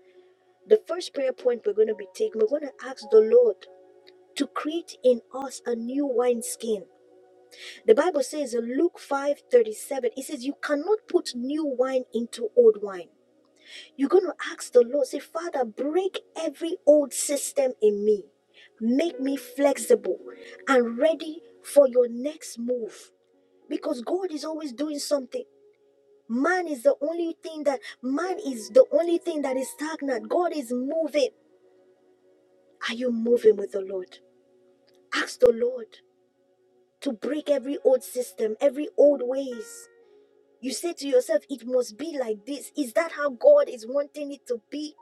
A: The first prayer point we're going to be taking, we're going to ask the Lord to create in us a new wineskin. The Bible says in Luke 5 37. it says, You cannot put new wine into old wine. You're going to ask the Lord, say, Father, break every old system in me. Make me flexible and ready for your next move. Because God is always doing something. Man is the only thing that, man is the only thing that is stagnant. God is moving. Are you moving with the Lord? Ask the Lord. to break every old system, every old ways. You say to yourself, it must be like this. Is that how God is wanting it to be?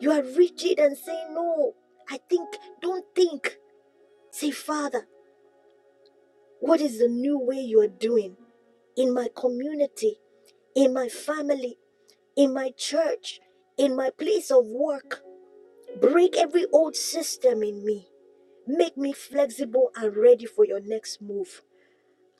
A: You are rigid and say, no, I think, don't think. Say, Father, what is the new way you are doing in my community, in my family, in my church, in my place of work? Break every old system in me. Make me flexible and ready for your next move.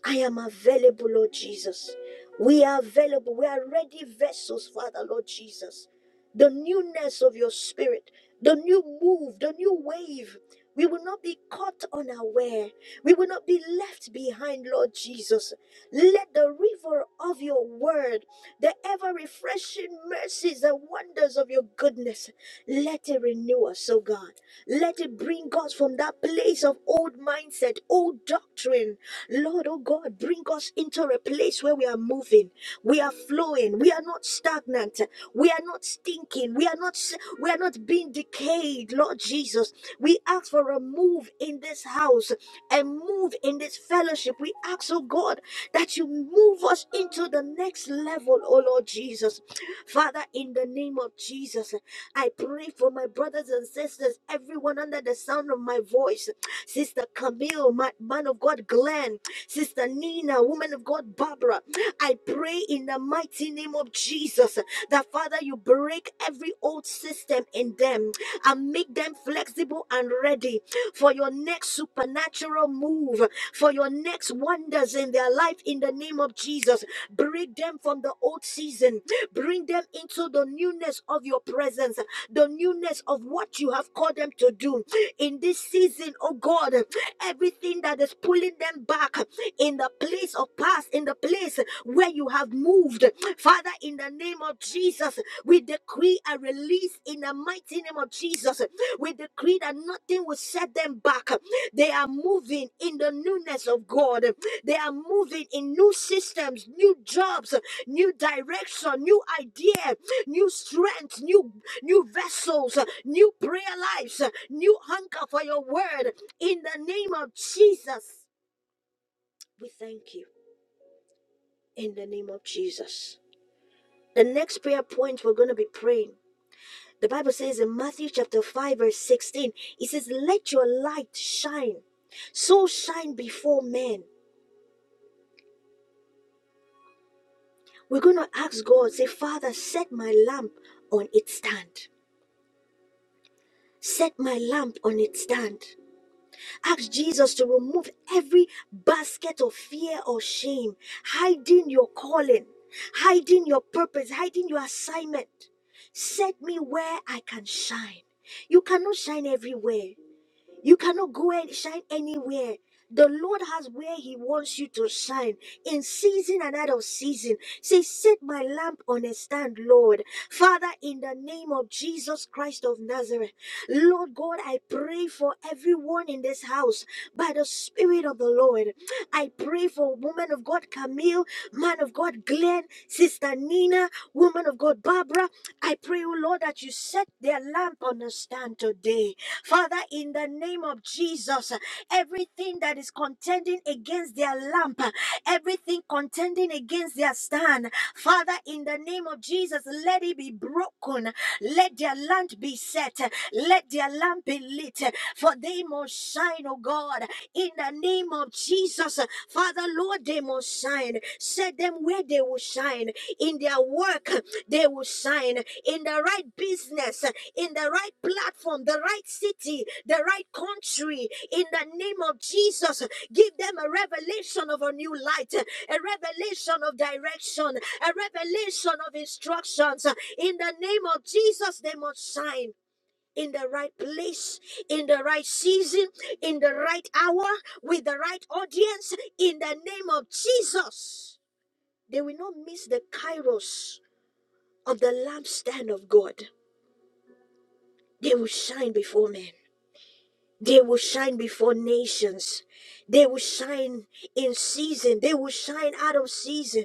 A: I am available, Lord Jesus. We are available. We are ready vessels, Father, Lord Jesus. The newness of your spirit, the new move, the new wave. We will not be caught unaware. We will not be left behind, Lord Jesus. Let the river of your word, the ever refreshing mercies and wonders of your goodness, let it renew us, O God. Let it bring us from that place of old mindset, old doctrine, Lord, oh God, bring us into a place where we are moving, we are flowing, we are not stagnant, we are not stinking, we are not we are not being decayed, Lord Jesus. We ask for a move in this house, a move in this fellowship. We ask, oh God, that you move us into the next level, oh Lord Jesus. Father, in the name of Jesus, I pray for my brothers and sisters, everyone under the sound of my voice. Sister Camille, ma- man of God Glenn, Sister Nina, woman of God Barbara. I pray in the mighty name of Jesus that Father, you break every old system in them and make them flexible and ready for your next supernatural move, for your next wonders in their life in the name of Jesus. Break them from the old season, bring them into the newness of your presence, the newness of what you have called them to do in this season, oh God, everything that is pulling them back, in the place of past, in the place where you have moved. Father, in the name of Jesus, we decree a release in the mighty name of Jesus. We decree that nothing will set them back. They are moving in the newness of God. They are moving in new systems, new jobs, new direction, new idea, new strength, new new vessels, new prayer lives, new hunger for your word. In the name of Jesus, we thank you in the name of Jesus. The next prayer point we're going to be praying. The Bible says in Matthew chapter 5, verse 16, it says, Let your light shine, so shine before men. We're going to ask God, say, Father, set my lamp on its stand. Set my lamp on its stand. Ask Jesus to remove every basket of fear or shame, hiding your calling, hiding your purpose, hiding your assignment. Set me where I can shine. You cannot shine everywhere. You cannot go and shine anywhere. The Lord has where He wants you to shine in season and out of season. Say, Set my lamp on a stand, Lord. Father, in the name of Jesus Christ of Nazareth, Lord God, I pray for everyone in this house by the Spirit of the Lord. I pray for woman of God Camille, man of God Glenn, sister Nina, woman of God Barbara, I pray, O Lord, that you set their lamp on a stand today. Father, in the name of Jesus, everything that is contending against their lamp, everything contending against their stand, Father, in the name of Jesus, let it be broken. Let their lamp be set. Let their lamp be lit. For they must shine, O God, in the name of Jesus. Father, Lord, they must shine. Set them where they will shine in their work, they will shine in the right business, in the right platform, the right city, the right country. In the name of Jesus, give them a revelation of a new light, a revelation of direction, a revelation of instructions. In the name of Jesus, they must shine. In the right place, in the right season, in the right hour, with the right audience, in the name of Jesus. They will not miss the kairos of the lampstand of God. They will shine before men. They will shine before nations. They will shine in season. They will shine out of season.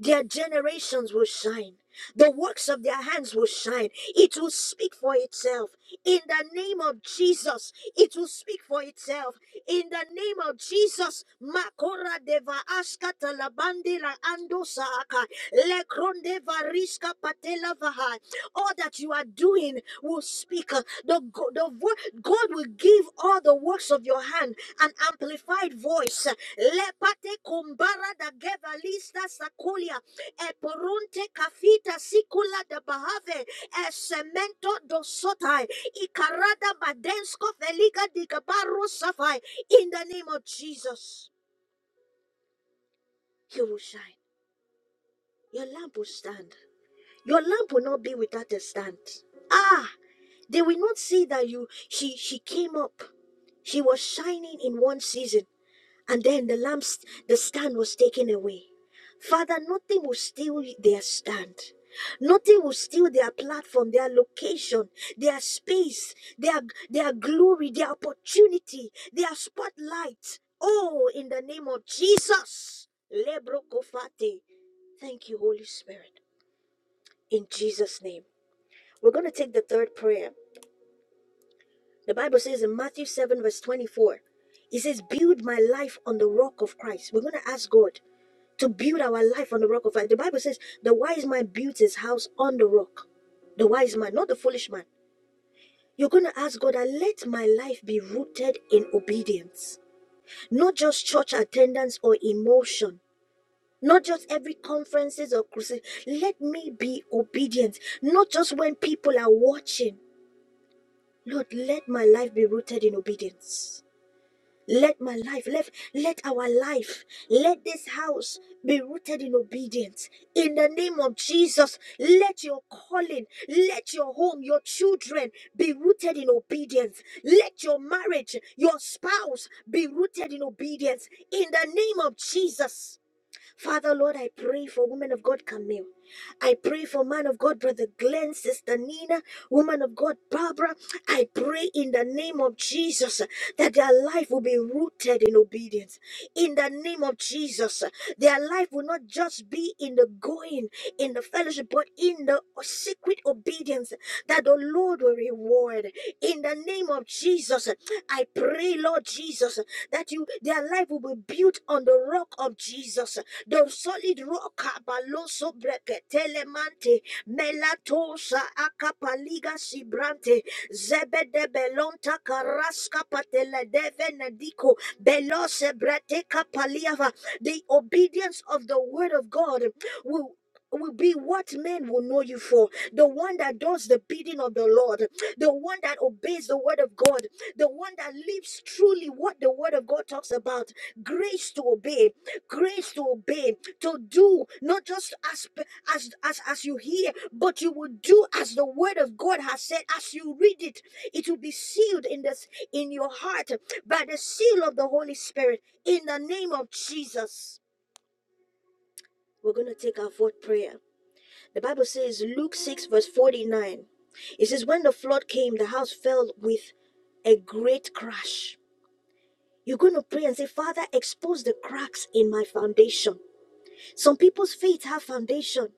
A: Their generations will shine. The works of their hands will shine. It will speak for itself. In the name of Jesus, it will speak for itself. In the name of Jesus, Makora deva askata labandera ando saaka lekronde variska patela vaha all that you are doing will speak. uh, The, the vo- God will give all the works of your hand an amplified voice. Lepate kumbara da gevalista sakulia, eporunte kafita sikula da bahave, esemento dosotai, ikarada badensko feliga digabaro safai. In the name of Jesus, you will shine. Your lamp will stand. Your lamp will not be without a stand. Ah! They will not see that you she she came up. She was shining in one season, and then the lamps the stand was taken away. Father, nothing will steal their stand. Nothing will steal their platform, their location, their space, their their glory, their opportunity, their spotlight. Oh, in the name of Jesus. Lebro Kofate. Thank you, Holy Spirit. In Jesus' name. We're going to take the third prayer. The Bible says in Matthew 7, verse 24, it says, Build my life on the rock of Christ. We're going to ask God to build our life on the rock of Christ. The Bible says, The wise man built his house on the rock. The wise man, not the foolish man. You're going to ask God, "I let my life be rooted in obedience, not just church attendance or emotion. Not just every conferences or crusade. Let me be obedient. Not just when people are watching. Lord, let my life be rooted in obedience. Let my life, let, let our life, let this house be rooted in obedience. In the name of Jesus, let your calling, let your home, your children be rooted in obedience. Let your marriage, your spouse be rooted in obedience. In the name of Jesus. Father, Lord, I pray for woman of God, Camille. I pray for man of God, Brother Glenn, Sister Nina, woman of God, Barbara. I pray in the name of Jesus uh, that their life will be rooted in obedience. In the name of Jesus, uh, their life will not just be in the going, in the fellowship, but in the secret obedience that the Lord will reward. In the name of Jesus, uh, I pray, Lord Jesus, uh, that you their life will be built on the rock of Jesus. The solid rock abaloso breketelemante melatosa akapaliga sibrante zebede belonta karaska patele devenediko belose breteka paliava. The obedience of the word of God will will be what men will know you for. The one that does the bidding of the Lord, the one that obeys the word of God, the one that lives truly what the word of God talks about grace to obey, grace to obey, to do not just as as as, as you hear, but you will do as the word of God has said as you read it. It will be sealed in this in your heart by the seal of the Holy Spirit in the name of Jesus. We're going to take our fourth prayer. The Bible says Luke 6 verse 49. It says when the flood came the house fell with a great crash you're going to pray and say, Father, expose the cracks in my foundation. Some people's faith have foundation.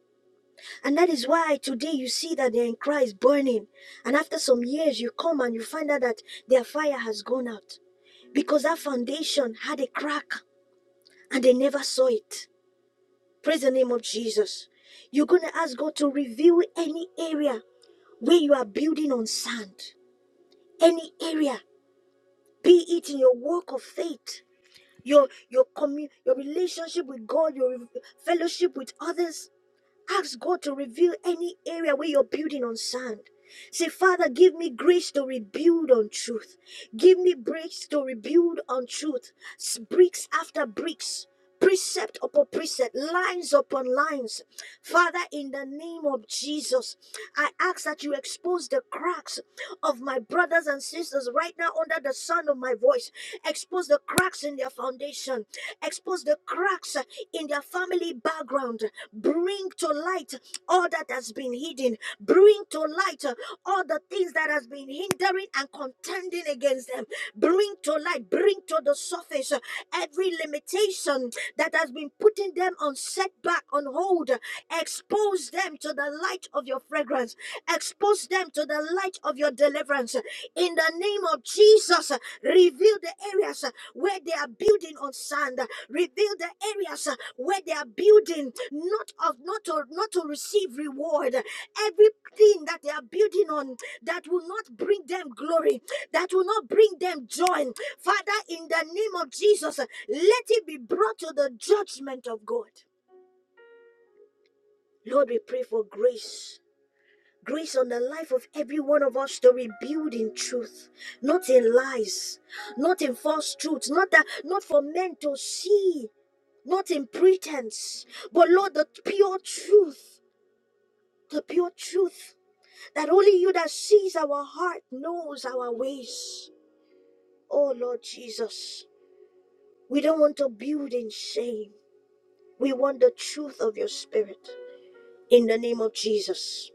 A: And that is why today you see that they're in Christ burning. And after some years, you come and you find out that their fire has gone out. Because that foundation had a crack and they never saw it. Praise the name of Jesus. You're going to ask God to reveal any area where you are building on sand. Any area, be it in your walk of faith your your commun- your relationship with God, your fellowship with others. Ask God to reveal any area where you're building on sand. Say, Father, give me grace to rebuild on truth. Give me bricks to rebuild on truth. S- Bricks after bricks. Precept upon precept, lines upon lines. Father, in the name of Jesus, I ask that you expose the cracks of my brothers and sisters right now under the sound of my voice. Expose the cracks in their foundation. Expose the cracks in their family background. Bring to light all that has been hidden. Bring to light uh, all the things that has been hindering and contending against them. Bring to light, bring to the surface uh, every limitation that has been putting them on setback, on hold. Expose them to the light of your fragrance. Expose them to the light of your deliverance. In the name of Jesus, uh, reveal the areas uh, where they are building on sand. Reveal the areas uh, where they are building, not of not to not to receive reward. Everything that they are building on that will not bring them glory, that will not bring them joy. Father, in the name of Jesus, uh, let it be brought to the judgment of God. Lord, we pray for grace. Grace on the life of every one of us to rebuild in truth, not in lies, not in false truths, not that, not for men to see not in pretense, but Lord, the pure truth, the pure truth that only you that sees our heart knows our ways. Oh Lord Jesus, we don't want to build in shame. We want the truth of your spirit in the name of Jesus.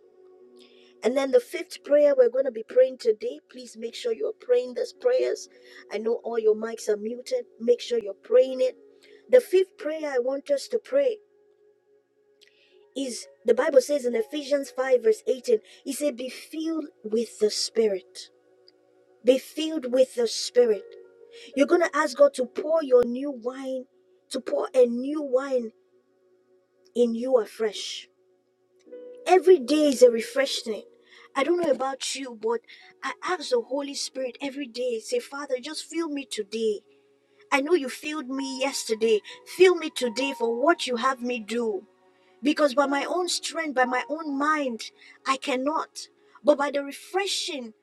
A: And then the fifth prayer we're going to be praying today. Please make sure you're praying these prayers. I know all your mics are muted. Make sure you're praying it. The fifth prayer I want us to pray is the Bible says in Ephesians 5, verse 18, it said, Be filled with the Spirit. Be filled with the Spirit. You're gonna ask God to pour your new wine, to pour a new wine in you afresh. Every day is a refreshing. I don't know about you, but I ask the Holy Spirit every day, say, Father, just fill me today. I know you filled me yesterday. Fill me today for what you have me do. Because by my own strength, by my own mind, I cannot. But by the refreshing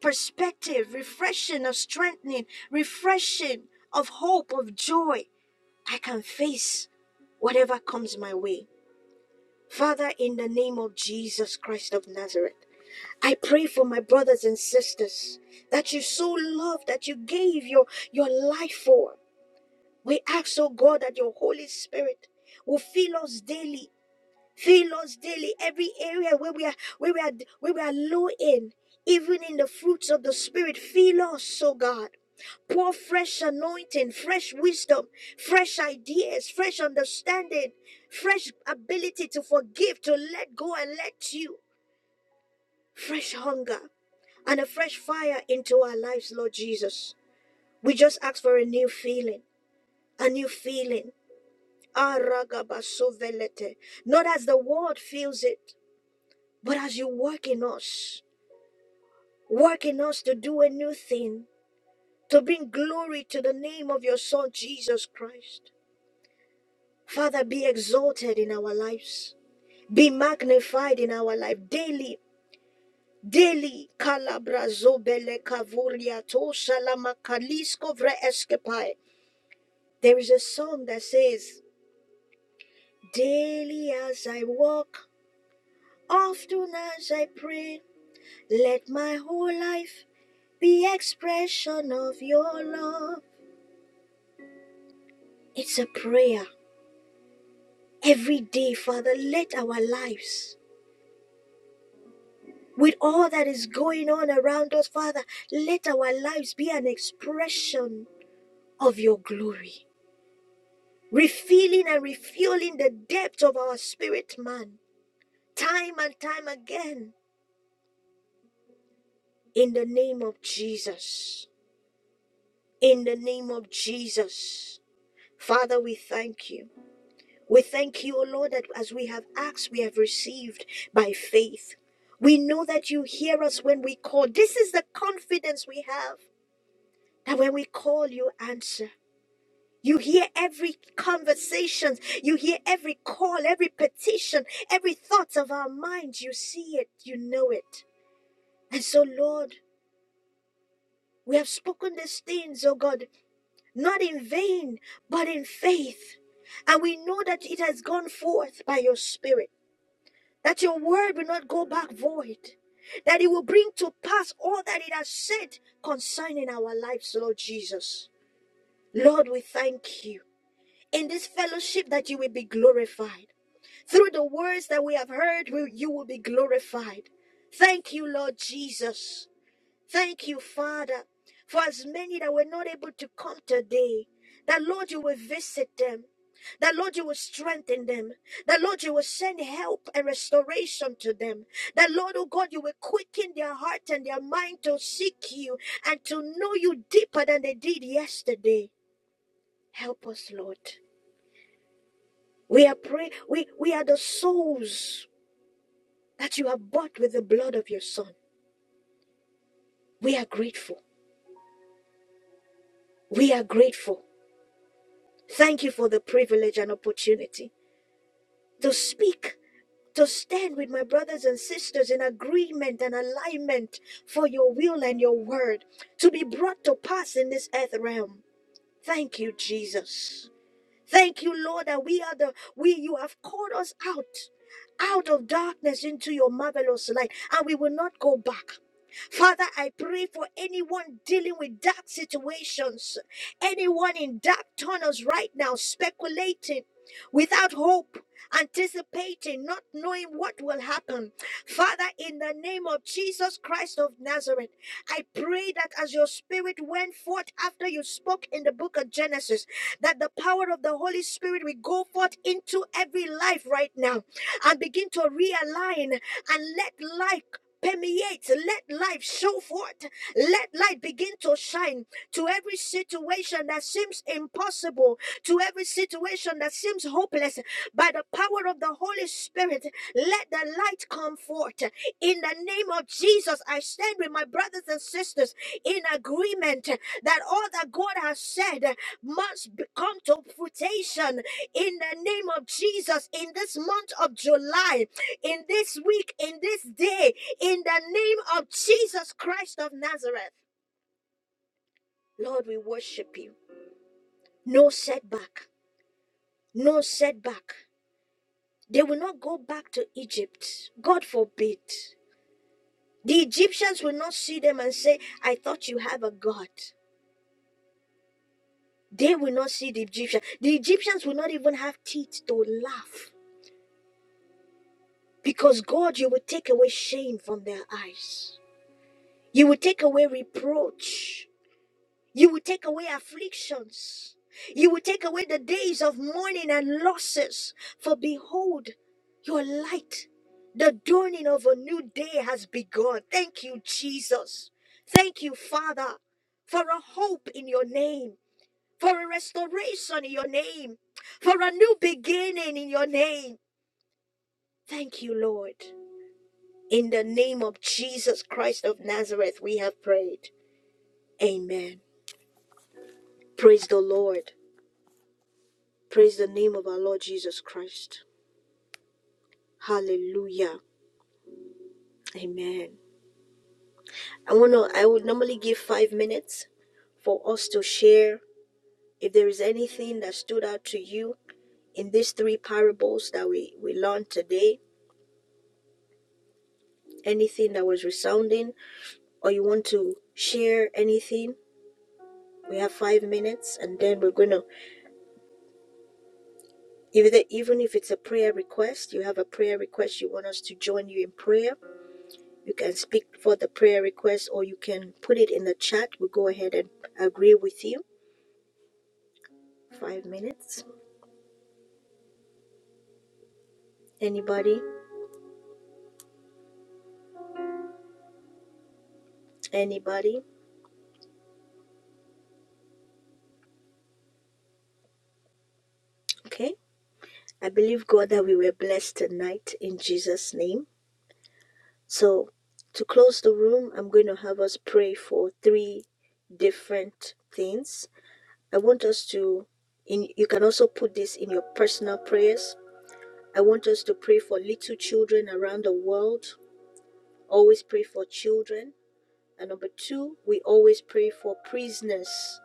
A: perspective, refreshing of strengthening, refreshing of hope, of joy, I can face whatever comes my way. Father, in the name of Jesus Christ of Nazareth, I pray for my brothers and sisters that you so love, that you gave your, your life for. We ask, oh God, that your Holy Spirit will fill us daily Fill us daily every area where we are where we are where we are low in, even in the fruits of the spirit. Fill us, oh God. Pour fresh anointing, fresh wisdom, fresh ideas, fresh understanding, fresh ability to forgive, to let go and let you. Fresh hunger and a fresh fire into our lives, Lord Jesus. We just ask for a new feeling, a new feeling. Ah, ragabasovelete. Not as the world feels it, But as you work in us, work in us to do a new thing, to bring glory to the name of your Son, Jesus Christ. Father, be exalted in our lives, be magnified in our life daily. Daily, Calabra Zobele Cavuria to Salama Kalisko Vre Escapai. There is a song that says, Daily as I walk, often as I pray, let my whole life be expression of your love. It's a prayer every day, Father. Let our lives, with all that is going on around us, Father, let our lives be an expression of your glory, refilling and refueling the depth of our spirit, man, time and time again, in the name of Jesus. In the name of Jesus. Father, we thank you. We thank you, O Lord, that as we have asked, we have received by faith. We know that you hear us when we call. This is the confidence we have that when we call, you answer. You hear every conversation, you hear every call, every petition, every thought of our minds. You see it, you know it. And so, Lord, we have spoken these things, O God, not in vain, but in faith. And we know that it has gone forth by your Spirit. that your word will not go back void, that it will bring to pass all that it has said concerning our lives, Lord Jesus. Lord, we thank you in this fellowship that you will be glorified. Through the words that we have heard, you will be glorified. Thank you, Lord Jesus. Thank you, Father, for as many that were not able to come today, that Lord, you will visit them. That Lord, you will strengthen them. That Lord, you will send help and restoration to them. That Lord, oh God, you will quicken their heart and their mind to seek you and to know you deeper than they did yesterday. Help us, Lord. We are pray. We we are the souls that you have bought with the blood of your Son. We are grateful. We are grateful. Thank you for the privilege and opportunity to speak, to stand with my brothers and sisters in agreement and alignment for your will and your word to be brought to pass in this earth realm. Thank you, Jesus. Thank you, Lord, that we are the we you have called us out, out of darkness into your marvelous light, and we will not go back. Father, I pray for anyone dealing with dark situations, anyone in dark tunnels right now, speculating without hope, anticipating, not knowing what will happen. Father, in the name of Jesus Christ of Nazareth, I pray that as your spirit went forth after you spoke in the book of Genesis, that the power of the Holy Spirit will go forth into every life right now and begin to realign and let light permeate, let life show forth, let light begin to shine to every situation that seems impossible, to every situation that seems hopeless. By the power of the Holy Spirit, let the light come forth. In the name of Jesus, I stand with my brothers and sisters in agreement that all that God has said must be- come to fruition in the name of Jesus in this month of July, in this week, in this day, in the name of Jesus Christ of Nazareth. Lord, we worship you. No setback, no setback. They will not go back to Egypt. God forbid. The Egyptians will not see them and say, I thought you have a God. They will not see the Egyptians. The Egyptians will not even have teeth to laugh Because God, you will take away shame from their eyes. You will take away reproach. You will take away afflictions. You will take away the days of mourning and losses. For behold, your light, the dawning of a new day has begun. Thank you, Jesus. Thank you, Father, for a hope in your name, for a restoration in your name, for a new beginning in your name. Thank you, Lord. In the name of Jesus Christ of Nazareth, we have prayed. Amen. Praise the Lord. Praise the name of our Lord Jesus Christ. Hallelujah. Amen. I want to, I would normally give five minutes for us to share if there is anything that stood out to you in these three parables that we, we learned today, anything that was resounding, or you want to share anything. We have five minutes and then we're going to If the, even if it's a prayer request, you have a prayer request, you want us to join you in prayer, you can speak for the prayer request or you can put it in the chat. We'll go ahead and agree with you. Five minutes. Anybody? Anybody? Okay. I believe, God, that we were blessed tonight in Jesus' name. So, to close the room, I'm going to have us pray for three different things. I want us to, in, you can also put this in your personal prayers I want us to pray for little children around the world. Always pray for children. And number two, we always pray for prisoners,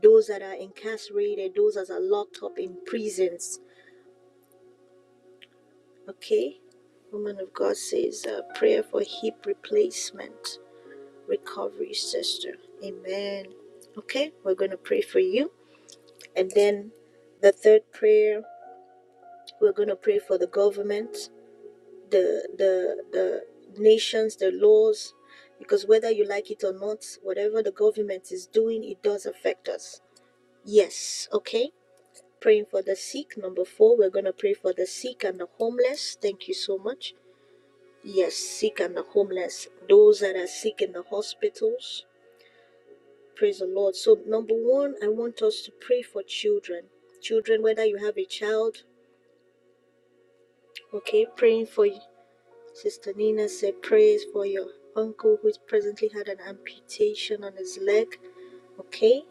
A: those that are incarcerated, those that are locked up in prisons. Okay? Woman of God says, uh, prayer for hip replacement recovery, sister. Amen. Okay, we're going to pray for you. And then the third prayer, we're going to pray for the government. the the the nations, the laws, because whether you like it or not, whatever the government is doing, it does affect us. Yes, okay. Praying for the sick, number four. We're gonna pray for the sick and the homeless. Thank you so much. Yes, sick and the homeless, those that are sick in the hospitals. Praise the Lord. So number one, I want us to pray for children. Children, whether you have a child, okay, praying for Sister Nina said, Prayers for your uncle who presently had an amputation on his leg. Okay,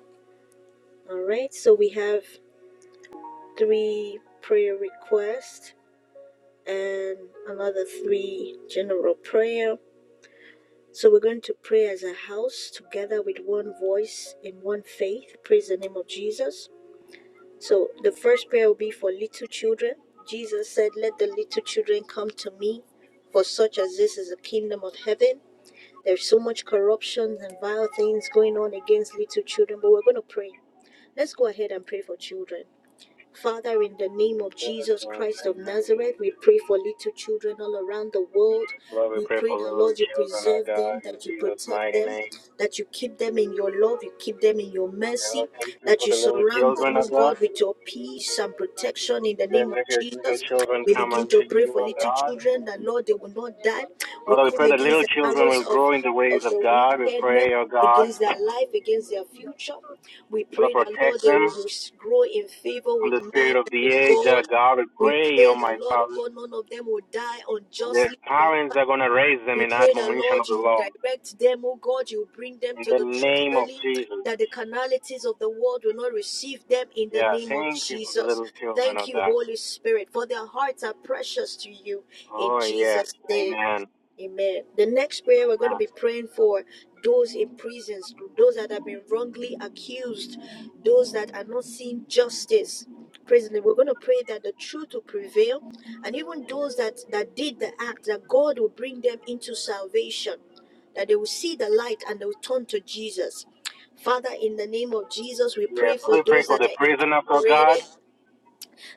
A: all right. So we have three prayer requests and another three general prayer. So we're going to pray as a house together with one voice in one faith. Praise the name of Jesus. So the first prayer will be for little children. Jesus said, Let the little children come to me, for such as this is the kingdom of heaven. There's so much corruption and vile things going on against little children, but we're going to pray. Let's go ahead and pray for children. Father, in the name of Jesus Christ of Nazareth, we pray for little children all around the world.
B: Lord, we
A: We
B: pray
A: pray
B: for
A: that,
B: little
A: Lord, you
B: children, oh
A: preserve them,
B: God, in
A: that you
B: Jesus'
A: protect
B: mighty
A: them
B: name.
A: that you keep them in your love, you keep them in your
B: And
A: mercy,
B: Lord, thank you
A: that
B: for
A: you
B: the little
A: surround
B: children,
A: them,
B: oh
A: oh
B: God.
A: God, with your peace and protection in the name of
B: Let your little
A: Jesus.
B: children
A: We
B: come
A: begin
B: unto
A: to pray
B: you,
A: for
B: oh
A: little children
B: God.
A: that, Lord, they will not die. We
B: Father, we
A: come
B: pray that
A: against
B: little
A: the
B: children
A: arrows
B: will
A: of,
B: grow in the ways
A: of
B: of
A: the
B: God. We
A: wickedness,
B: pray, oh God,
A: against their life, against their future. We
B: Father,
A: pray that, Lord,
B: protect
A: they
B: them
A: will grow in favor
B: from
A: with
B: the
A: man
B: spirit of
A: and
B: the
A: with
B: age. Oh
A: God.
B: God, we
A: We
B: pray,
A: pray
B: oh
A: that,
B: my
A: Lord, oh
B: Father,
A: God, none of them will die
B: their
A: unjustly and
B: parents are going to raise them
A: we
B: in
A: pray that,
B: admonition of
A: Lord,
B: the
A: you
B: law.
A: direct them, oh God, you bring them
B: In
A: to
B: the
A: the truth
B: name of
A: early,
B: Jesus.
A: that the carnalities of the world will not receive them in the
B: Yeah,
A: name of
B: thank you for the
A: Jesus.
B: little children, oh
A: Thank you,
B: God.
A: Holy Spirit, for their hearts are precious to you in
B: Oh, yes,
A: Jesus' name.
B: amen.
A: Amen. The next prayer we're going to be praying for those in prisons, those that have been wrongly accused, those that are not seeing justice. Praise the Lord. We're going to pray that the truth will prevail, and even those that that did the act, that God will bring them into salvation, that they will see the light and they will turn to Jesus. Father, in the name of Jesus, we
B: Yeah,
A: pray for
B: we pray
A: those
B: for
A: that
B: the
A: are
B: prisoners, oh God.
A: incarcerated.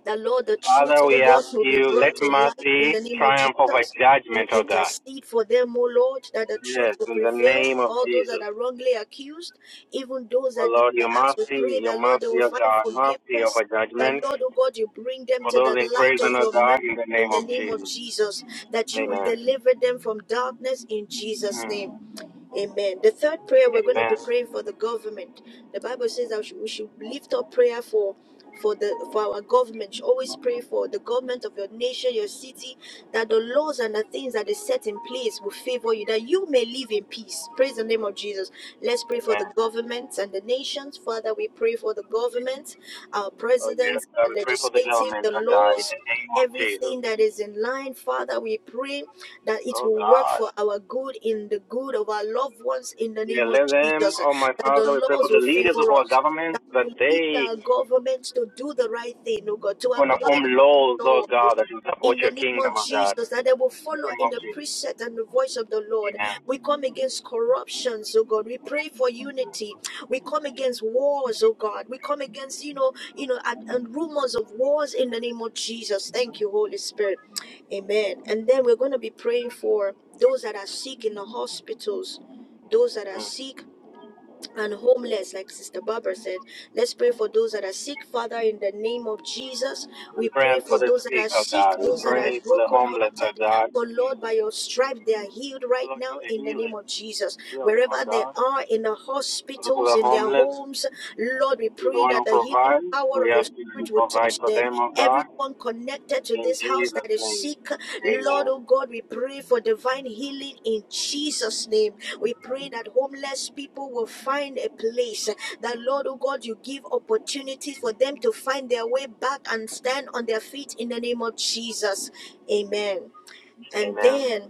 A: That Lord, the truth,
B: Father,
A: oh
B: we
A: God,
B: ask
A: will be
B: you, let
A: brought to light in
B: mercy
A: the name of
B: triumph over
A: Jesus. We
B: judgment, oh God.
A: intercede for them, O Lord, that the truth
B: Yes,
A: will
B: in the
A: prevail.
B: name of
A: All those that
B: Jesus.
A: are wrongly accused, even those
B: O
A: that did
B: Lord,
A: the
B: your
A: acts, we pray
B: mercy, your
A: that, Lord, they
B: mercy,
A: will
B: O
A: find
B: God, mercy
A: forgiveness.
B: over
A: That,
B: judgment
A: Lord, O God, you bring them
B: for
A: to the
B: those in
A: light
B: prison,
A: of
B: O
A: your mercy
B: God, in the
A: in
B: name
A: the
B: of
A: name of
B: Jesus.
A: Jesus. That you will
B: Amen.
A: deliver them from darkness in Jesus' name.
B: Mm.
A: Amen. The third prayer we're going to
B: Amen.
A: be praying for the government. The Bible says that we should lift up prayer for for the for our government. Always pray for the government of your nation, your city, that the laws and the things that is set in place will favor you, that you may live in peace. Praise the name of Jesus. Let's pray for
B: Amen.
A: the governments and the nations. Father, we pray for the government, our
B: Oh, yes.
A: presidents,
B: God,
A: our
B: we pray for the
A: legislative,
B: government,
A: the
B: oh God, in
A: laws.
B: the name of Jesus.
A: Everything that is in line, Father, we pray that it
B: Oh,
A: will work
B: God.
A: for our good in the good of our loved ones in the
B: Yeah,
A: name of
B: let them,
A: Jesus,
B: oh, my
A: that
B: Father, we
A: the
B: pray
A: laws
B: for
A: will
B: the leaders of
A: favor
B: our
A: us,
B: government
A: that
B: that
A: will lead
B: they
A: our government to do the right thing, oh God, to
B: going to
A: apply
B: form
A: the right
B: laws, oh,
A: laws. oh
B: God, that will support
A: in the
B: your
A: name of
B: kingdom, oh, God.
A: Jesus, that they will
B: In the
A: follow
B: name
A: in
B: of
A: the
B: Jesus.
A: precept and the voice of the Lord.
B: Amen.
A: We come against corruptions, oh God. We pray for unity. We come against wars, oh God. We come against, you know, you know, and, and rumors of wars in the name of Jesus. Thank you, Holy Spirit. Amen. And then we're going to be praying for those that are sick in the hospitals, those that are
B: Mm.
A: sick and homeless, like Sister Barbara said. Let's pray for those that are sick, Father, in the name of Jesus. We
B: We
A: pray
B: pray for
A: for
B: the
A: those that
B: sick,
A: are
B: oh,
A: sick,
B: God. We
A: those that are
B: pray for the homeless, oh,
A: brokenhearted.
B: God.
A: For Lord, by your stripes, they are healed right
B: Lord,
A: now
B: you're the
A: in the name of
B: healing.
A: Jesus.
B: Heal them, oh
A: Wherever they
B: God.
A: are, in the
B: Those the
A: hospitals,
B: are
A: in their
B: homeless,
A: homes, Lord, we
B: you
A: pray
B: going
A: that
B: to
A: the healing
B: provide.
A: power
B: We
A: of
B: ask
A: your
B: you
A: Spirit
B: to
A: will
B: provide
A: touch
B: for
A: them.
B: them, oh God.
A: Everyone connected to
B: In
A: this house
B: Jesus'
A: that is
B: name.
A: sick, Lord,
B: Amen.
A: oh God, we pray for divine healing in Jesus' name. We pray that homeless people will find a place, that Lord, oh God, you give opportunities for them to find their way back and stand on their feet in the name of Jesus. Amen. And
B: Amen.
A: then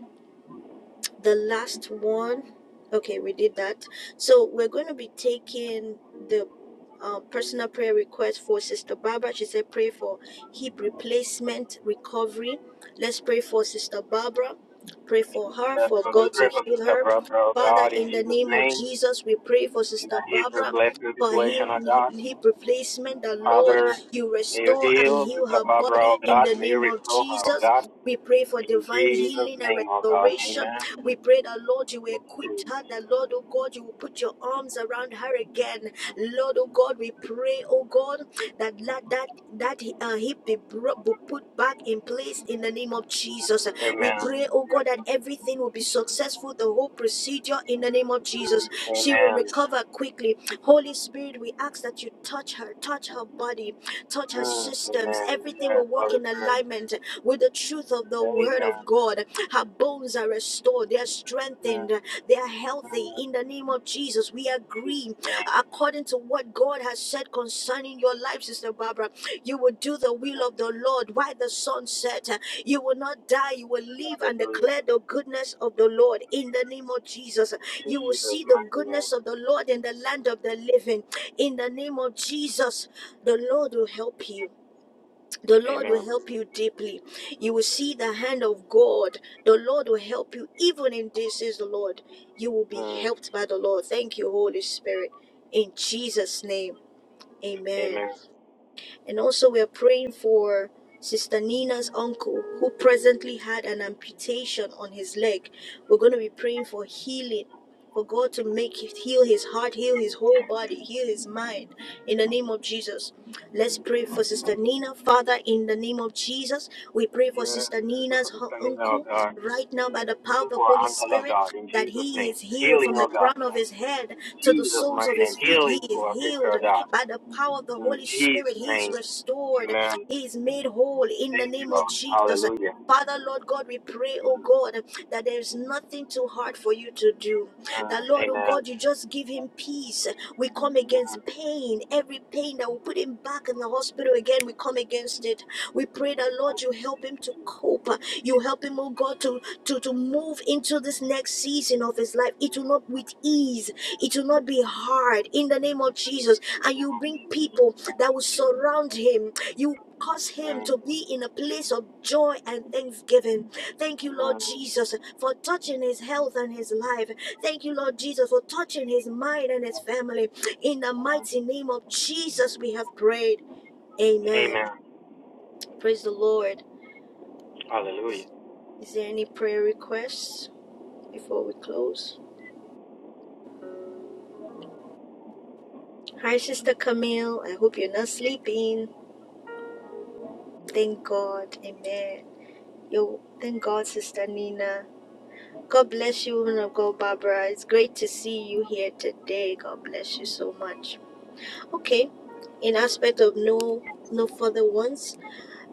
A: the last one okay we did that so we're going to be taking the uh, personal prayer request for sister barbara she said pray for hip replacement recovery let's pray for sister barbara pray for her
B: Yes,
A: for
B: Lord, we
A: god
B: pray
A: to
B: for
A: heal
B: Sister
A: her
B: Brother, oh
A: father
B: God, in
A: in the
B: Jesus'
A: name of
B: name.
A: jesus we pray for
B: In
A: sister
B: a Hebrew
A: barbara
B: blessing
A: for
B: situation,
A: hip,
B: oh God.
A: hip replacement the lord
B: Father,
A: you
B: may you
A: restore and
B: heal
A: heal
B: Sister
A: her
B: Barbara,
A: body
B: oh
A: in
B: God.
A: the
B: May you
A: name of
B: restore her, oh
A: jesus
B: God.
A: we pray for
B: In
A: divine
B: Jesus'
A: healing and
B: name, oh God.
A: restoration.
B: Amen.
A: We pray that, Lord, you will equip her, that, Lord, oh God, you will put your arms around her again. Lord, oh God, we pray, oh God, that that, that, that uh, hip be, bro- be put back in place in the name of Jesus. We pray,
B: Amen.
A: oh God, that
B: Yes.
A: everything will be successful, the whole procedure in the name of Jesus. She will
B: Amen.
A: recover quickly. Holy Spirit, we ask that you touch her, touch her body
B: Mm, amen.
A: touch her systems.
B: Amen.
A: Everything will work
B: Holy
A: in
B: Spirit.
A: alignment with the truth of the word of God. Her bones are restored, they are
B: Amen.
A: strengthened,
B: Amen.
A: they are healthy.
B: Amen.
A: In the name of Jesus, we
B: Jesus'
A: agree
B: name.
A: according to what God has said concerning your life, Sister Barbara. You will do the will of the Lord. While the sun set, uh, you will not die. You will live and
B: Hallelujah.
A: declare the goodness of the Lord in the name of Jesus. You will see
B: Jesus'
A: the
B: mighty
A: goodness
B: name.
A: of the Lord in the land of the living. In the name of Jesus, the Lord will help you. The Lord will
B: Amen.
A: help you deeply. You will see the hand of God. The Lord will help you. Even in this is the Lord. You will be
B: Mm,
A: helped by the Lord. Thank you, Holy Spirit. In Jesus' name, amen.
B: amen.
A: And also, we are praying for Sister Nina's uncle who presently had an amputation on his leg. We're going to be praying for healing. For God to make heal his heart, heal his whole body, heal his mind in the name of Jesus. Let's pray for Sister Nina. Father, in the name of Jesus, we pray for
B: Yeah,
A: Sister
B: this is for
A: Nina's
B: the
A: her
B: standing of
A: uncle
B: God.
A: right now by the
B: This
A: power of
B: is
A: the
B: for our
A: Holy
B: uncle of
A: Spirit.
B: God in
A: That
B: Jesus'
A: he
B: name.
A: is healed
B: Healing
A: from the
B: of God.
A: crown of his head to the
B: Jesus'
A: soles
B: mighty
A: of
B: name.
A: his feet. He
B: Healing
A: is
B: for our picture
A: healed
B: of God.
A: by the power of the
B: In
A: Holy Spirit.
B: Jesus'
A: He is
B: name.
A: restored.
B: Amen.
A: He is made whole in the
B: Thank you,
A: name of
B: Lord.
A: Jesus.
B: Hallelujah.
A: Father, Lord God, we pray, oh God, that there is nothing too hard for you to do.
B: Mm,
A: That, Lord, oh
B: amen.
A: God, you just give him peace. We come
B: Mm,
A: against pain, every pain that will put him back in the hospital again, we come against it. We pray that, Lord, you help him to cope. You help him, oh God, to, to, to move into this next season of his life. It will not with ease, it will not be hard in the name of Jesus. And you bring people that will surround him. You cause him
B: mm,
A: to be in a place of joy and thanksgiving. Thank you, Lord
B: mm.
A: Jesus, for touching his health and his life. Thank you, Lord Jesus, for touching his mind and his family. In the mighty name of Jesus, we have prayed. Amen.
B: Amen.
A: Praise the Lord.
B: Hallelujah.
A: Is there any prayer requests before we close? Hi, Sister Camille. I hope you're not sleeping. Thank God. Amen. Yo, thank God, Sister Nina. God bless you, woman of God, Barbara. It's great to see you here today. God bless you so much. Okay, in aspect of no no further ones,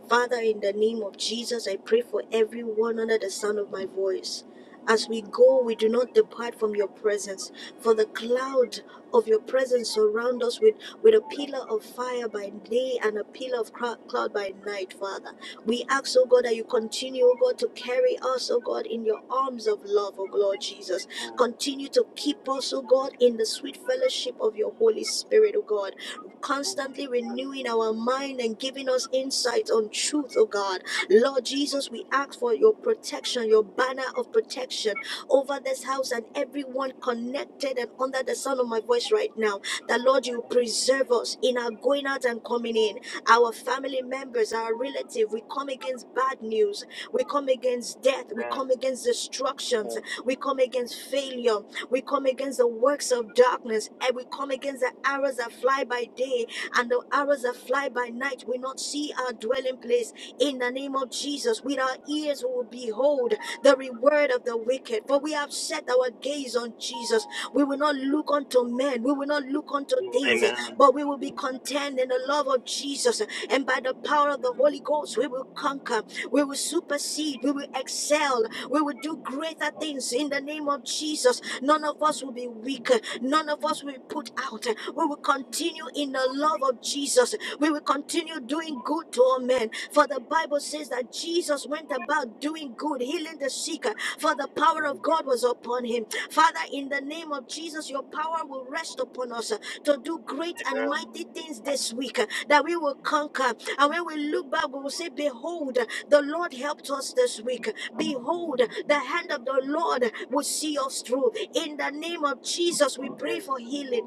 A: Father, in the name of Jesus, I pray for everyone under the sound of my voice. As we go, we do not depart from your presence, for the cloud of your presence surround us with, with a pillar of fire by day and a pillar of cloud by night, Father. We ask, oh God, that you continue, oh God, to carry us, oh God, in your arms of love, oh Lord Jesus. Continue to keep us, oh God, in the sweet fellowship of your Holy Spirit, oh God constantly renewing our mind and giving us insight on truth, oh God. Lord Jesus, we ask for your protection, your banner of protection over this house and everyone connected and under the sound of my voice right now. That Lord, you preserve us in our going out and coming in, our family members, our relative. We come against bad news, we come against death, we come
B: Amen.
A: against destructions, we come against failure, we come against the works of darkness and we come against the arrows that fly by day and the arrows that fly by night. We not see our dwelling place in the name of Jesus. With our ears, we will behold the reward of the wicked. For we have set our gaze on Jesus. We will not look unto men, we will not look unto things,
B: Amen.
A: but we will be content in the love of Jesus. And by the power of the Holy Ghost, we will conquer. We will supersede. We will excel. We will do greater things in the name of Jesus. None of us will be weak. None of us will be put out. We will continue in the love of Jesus. We will continue doing good to all men. For the Bible says that Jesus went about doing good, healing the sick, for the power of God was upon him. Father, in the name of Jesus, your power will rest upon us to do great and
B: Amen.
A: mighty things this week that we will conquer and when we look back, we will say, Behold, the Lord helped us this week. Behold, the hand of the Lord will see us through. In the name of Jesus, we pray for healing.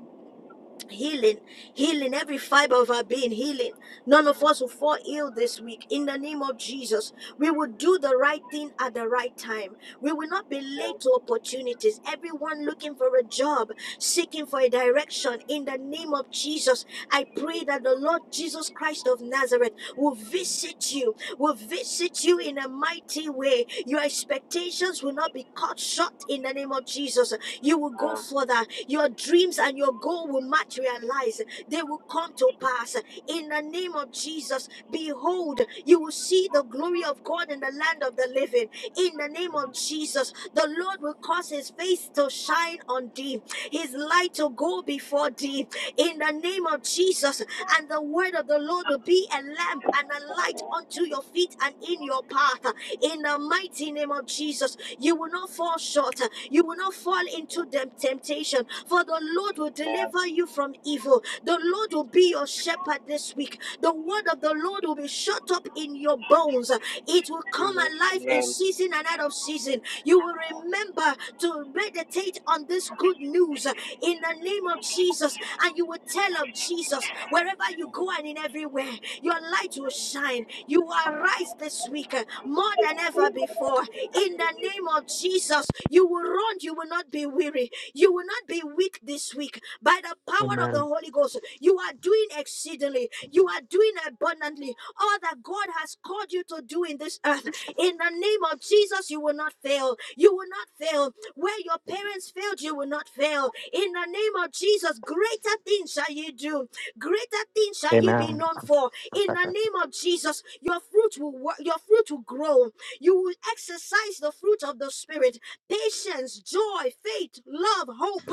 A: Healing, healing, every fiber of our being, healing. None of us will fall ill this week. In the name of Jesus, we will do the right thing at the right time. We will not be late to opportunities. Everyone looking for a job, seeking for a direction. In the name of Jesus, I pray that the Lord Jesus Christ of Nazareth will visit you, will visit you in a mighty way. Your expectations will not be cut short in the name of Jesus. You will go
B: Um,
A: further. Your dreams and your goal will materialize. They will come to pass in the name of Jesus. Behold, you will see the glory of God in the land of the living. In the name of Jesus, the Lord will cause his face to shine on thee, his light to go before thee in the name of Jesus. And the word of the Lord will be a lamp and a light unto your feet and in your path. In the mighty name of Jesus, you will not fall short. You will not fall into the temptation. For the Lord will
B: Amen.
A: deliver you from evil. The Lord will be your shepherd this week. The word of the Lord will be shut up in your bones. It will come alive in
B: Amen.
A: season and out of season. You will remember to meditate on this good news in the name of Jesus. And you will tell of Jesus wherever you go and in everywhere. Your light will shine. You will arise this week uh, more than ever before. In the name of Jesus, you will run. You will not be weary. You will not be weak this week. By the power of the
B: Amen.
A: Holy Ghost, you are doing exceedingly. You are doing abundantly all that God has called you to do in this earth. In the name of Jesus, you will not fail. You will not fail. Where your parents failed, you will not fail. In the name of Jesus, greater things shall you do. Greater things shall you be
B: Amen.
A: known for. In the name of Jesus, your fruit will work, your fruit will grow. You will exercise the fruit of the spirit, patience, joy, faith, love, hope.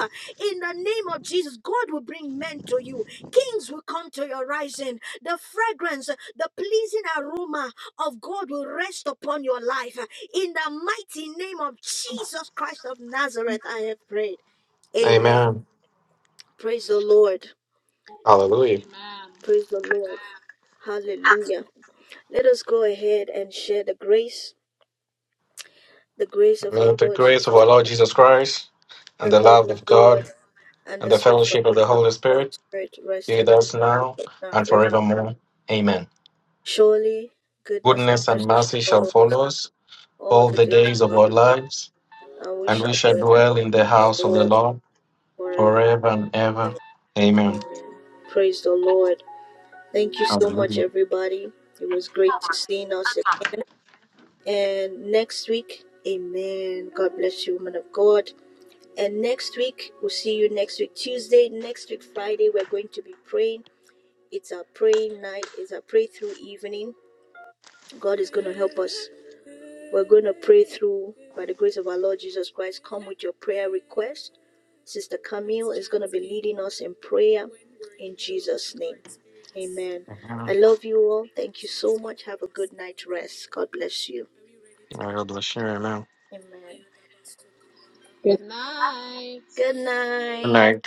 A: In the name of Jesus, God will bring men to you. Kings will come to your rising. The fragrance, the pleasing aroma of God will rest upon your life. In the mighty name of Jesus Christ of Nazareth, I have prayed. Amen.
B: Amen.
A: Praise the Lord.
B: Hallelujah.
C: Amen.
A: Praise the Lord. Hallelujah. Let us go ahead and share the grace, the grace of our
B: May the
A: Lord
B: grace of
A: Jesus,
B: our Lord Jesus Christ and
A: the
B: the
A: love
B: love
A: of
B: of God
A: God, and
B: and
A: the
B: the
A: sweet fellowship
B: fellowship of the
A: of
B: Holy
A: the Holy
B: Spirit
A: Spirit rest
B: be
A: and
B: with
A: abide
B: us
A: with
B: now
A: us now
B: and
A: forever.
B: forevermore. Amen.
A: Surely, goodness and
B: Goodness
A: mercy
B: and
A: shall
B: mercy shall
A: follow us
B: follow us
A: all
B: all
A: the
B: the
A: days
B: days of
A: of
B: our
A: our life,
B: lives,
A: and we
B: and
A: shall
B: we shall
A: dwell in
B: dwell in the
A: the
B: house of the
A: Lord
B: Lord
A: forever.
B: forever and ever. Amen.
A: Amen. Praise the Lord. Thank you so much,
B: Hallelujah.
A: everybody. It was great to see us again. And next week, Amen. God bless you, woman of God. And next week, we'll see you next week, Tuesday. Next week, Friday, we're going to be praying. It's our praying night. It's our pray through evening. God is going to help us. We're going to pray through by the grace of our Lord Jesus Christ. Come with your prayer request. Sister Camille is going to be leading us in prayer in Jesus' name. Amen. I
B: Amen.
A: love you all. Thank you so much. Have a good night rest. God bless you.
B: May God bless you. Amen.
A: Amen. Good
B: Good
A: night.
B: night.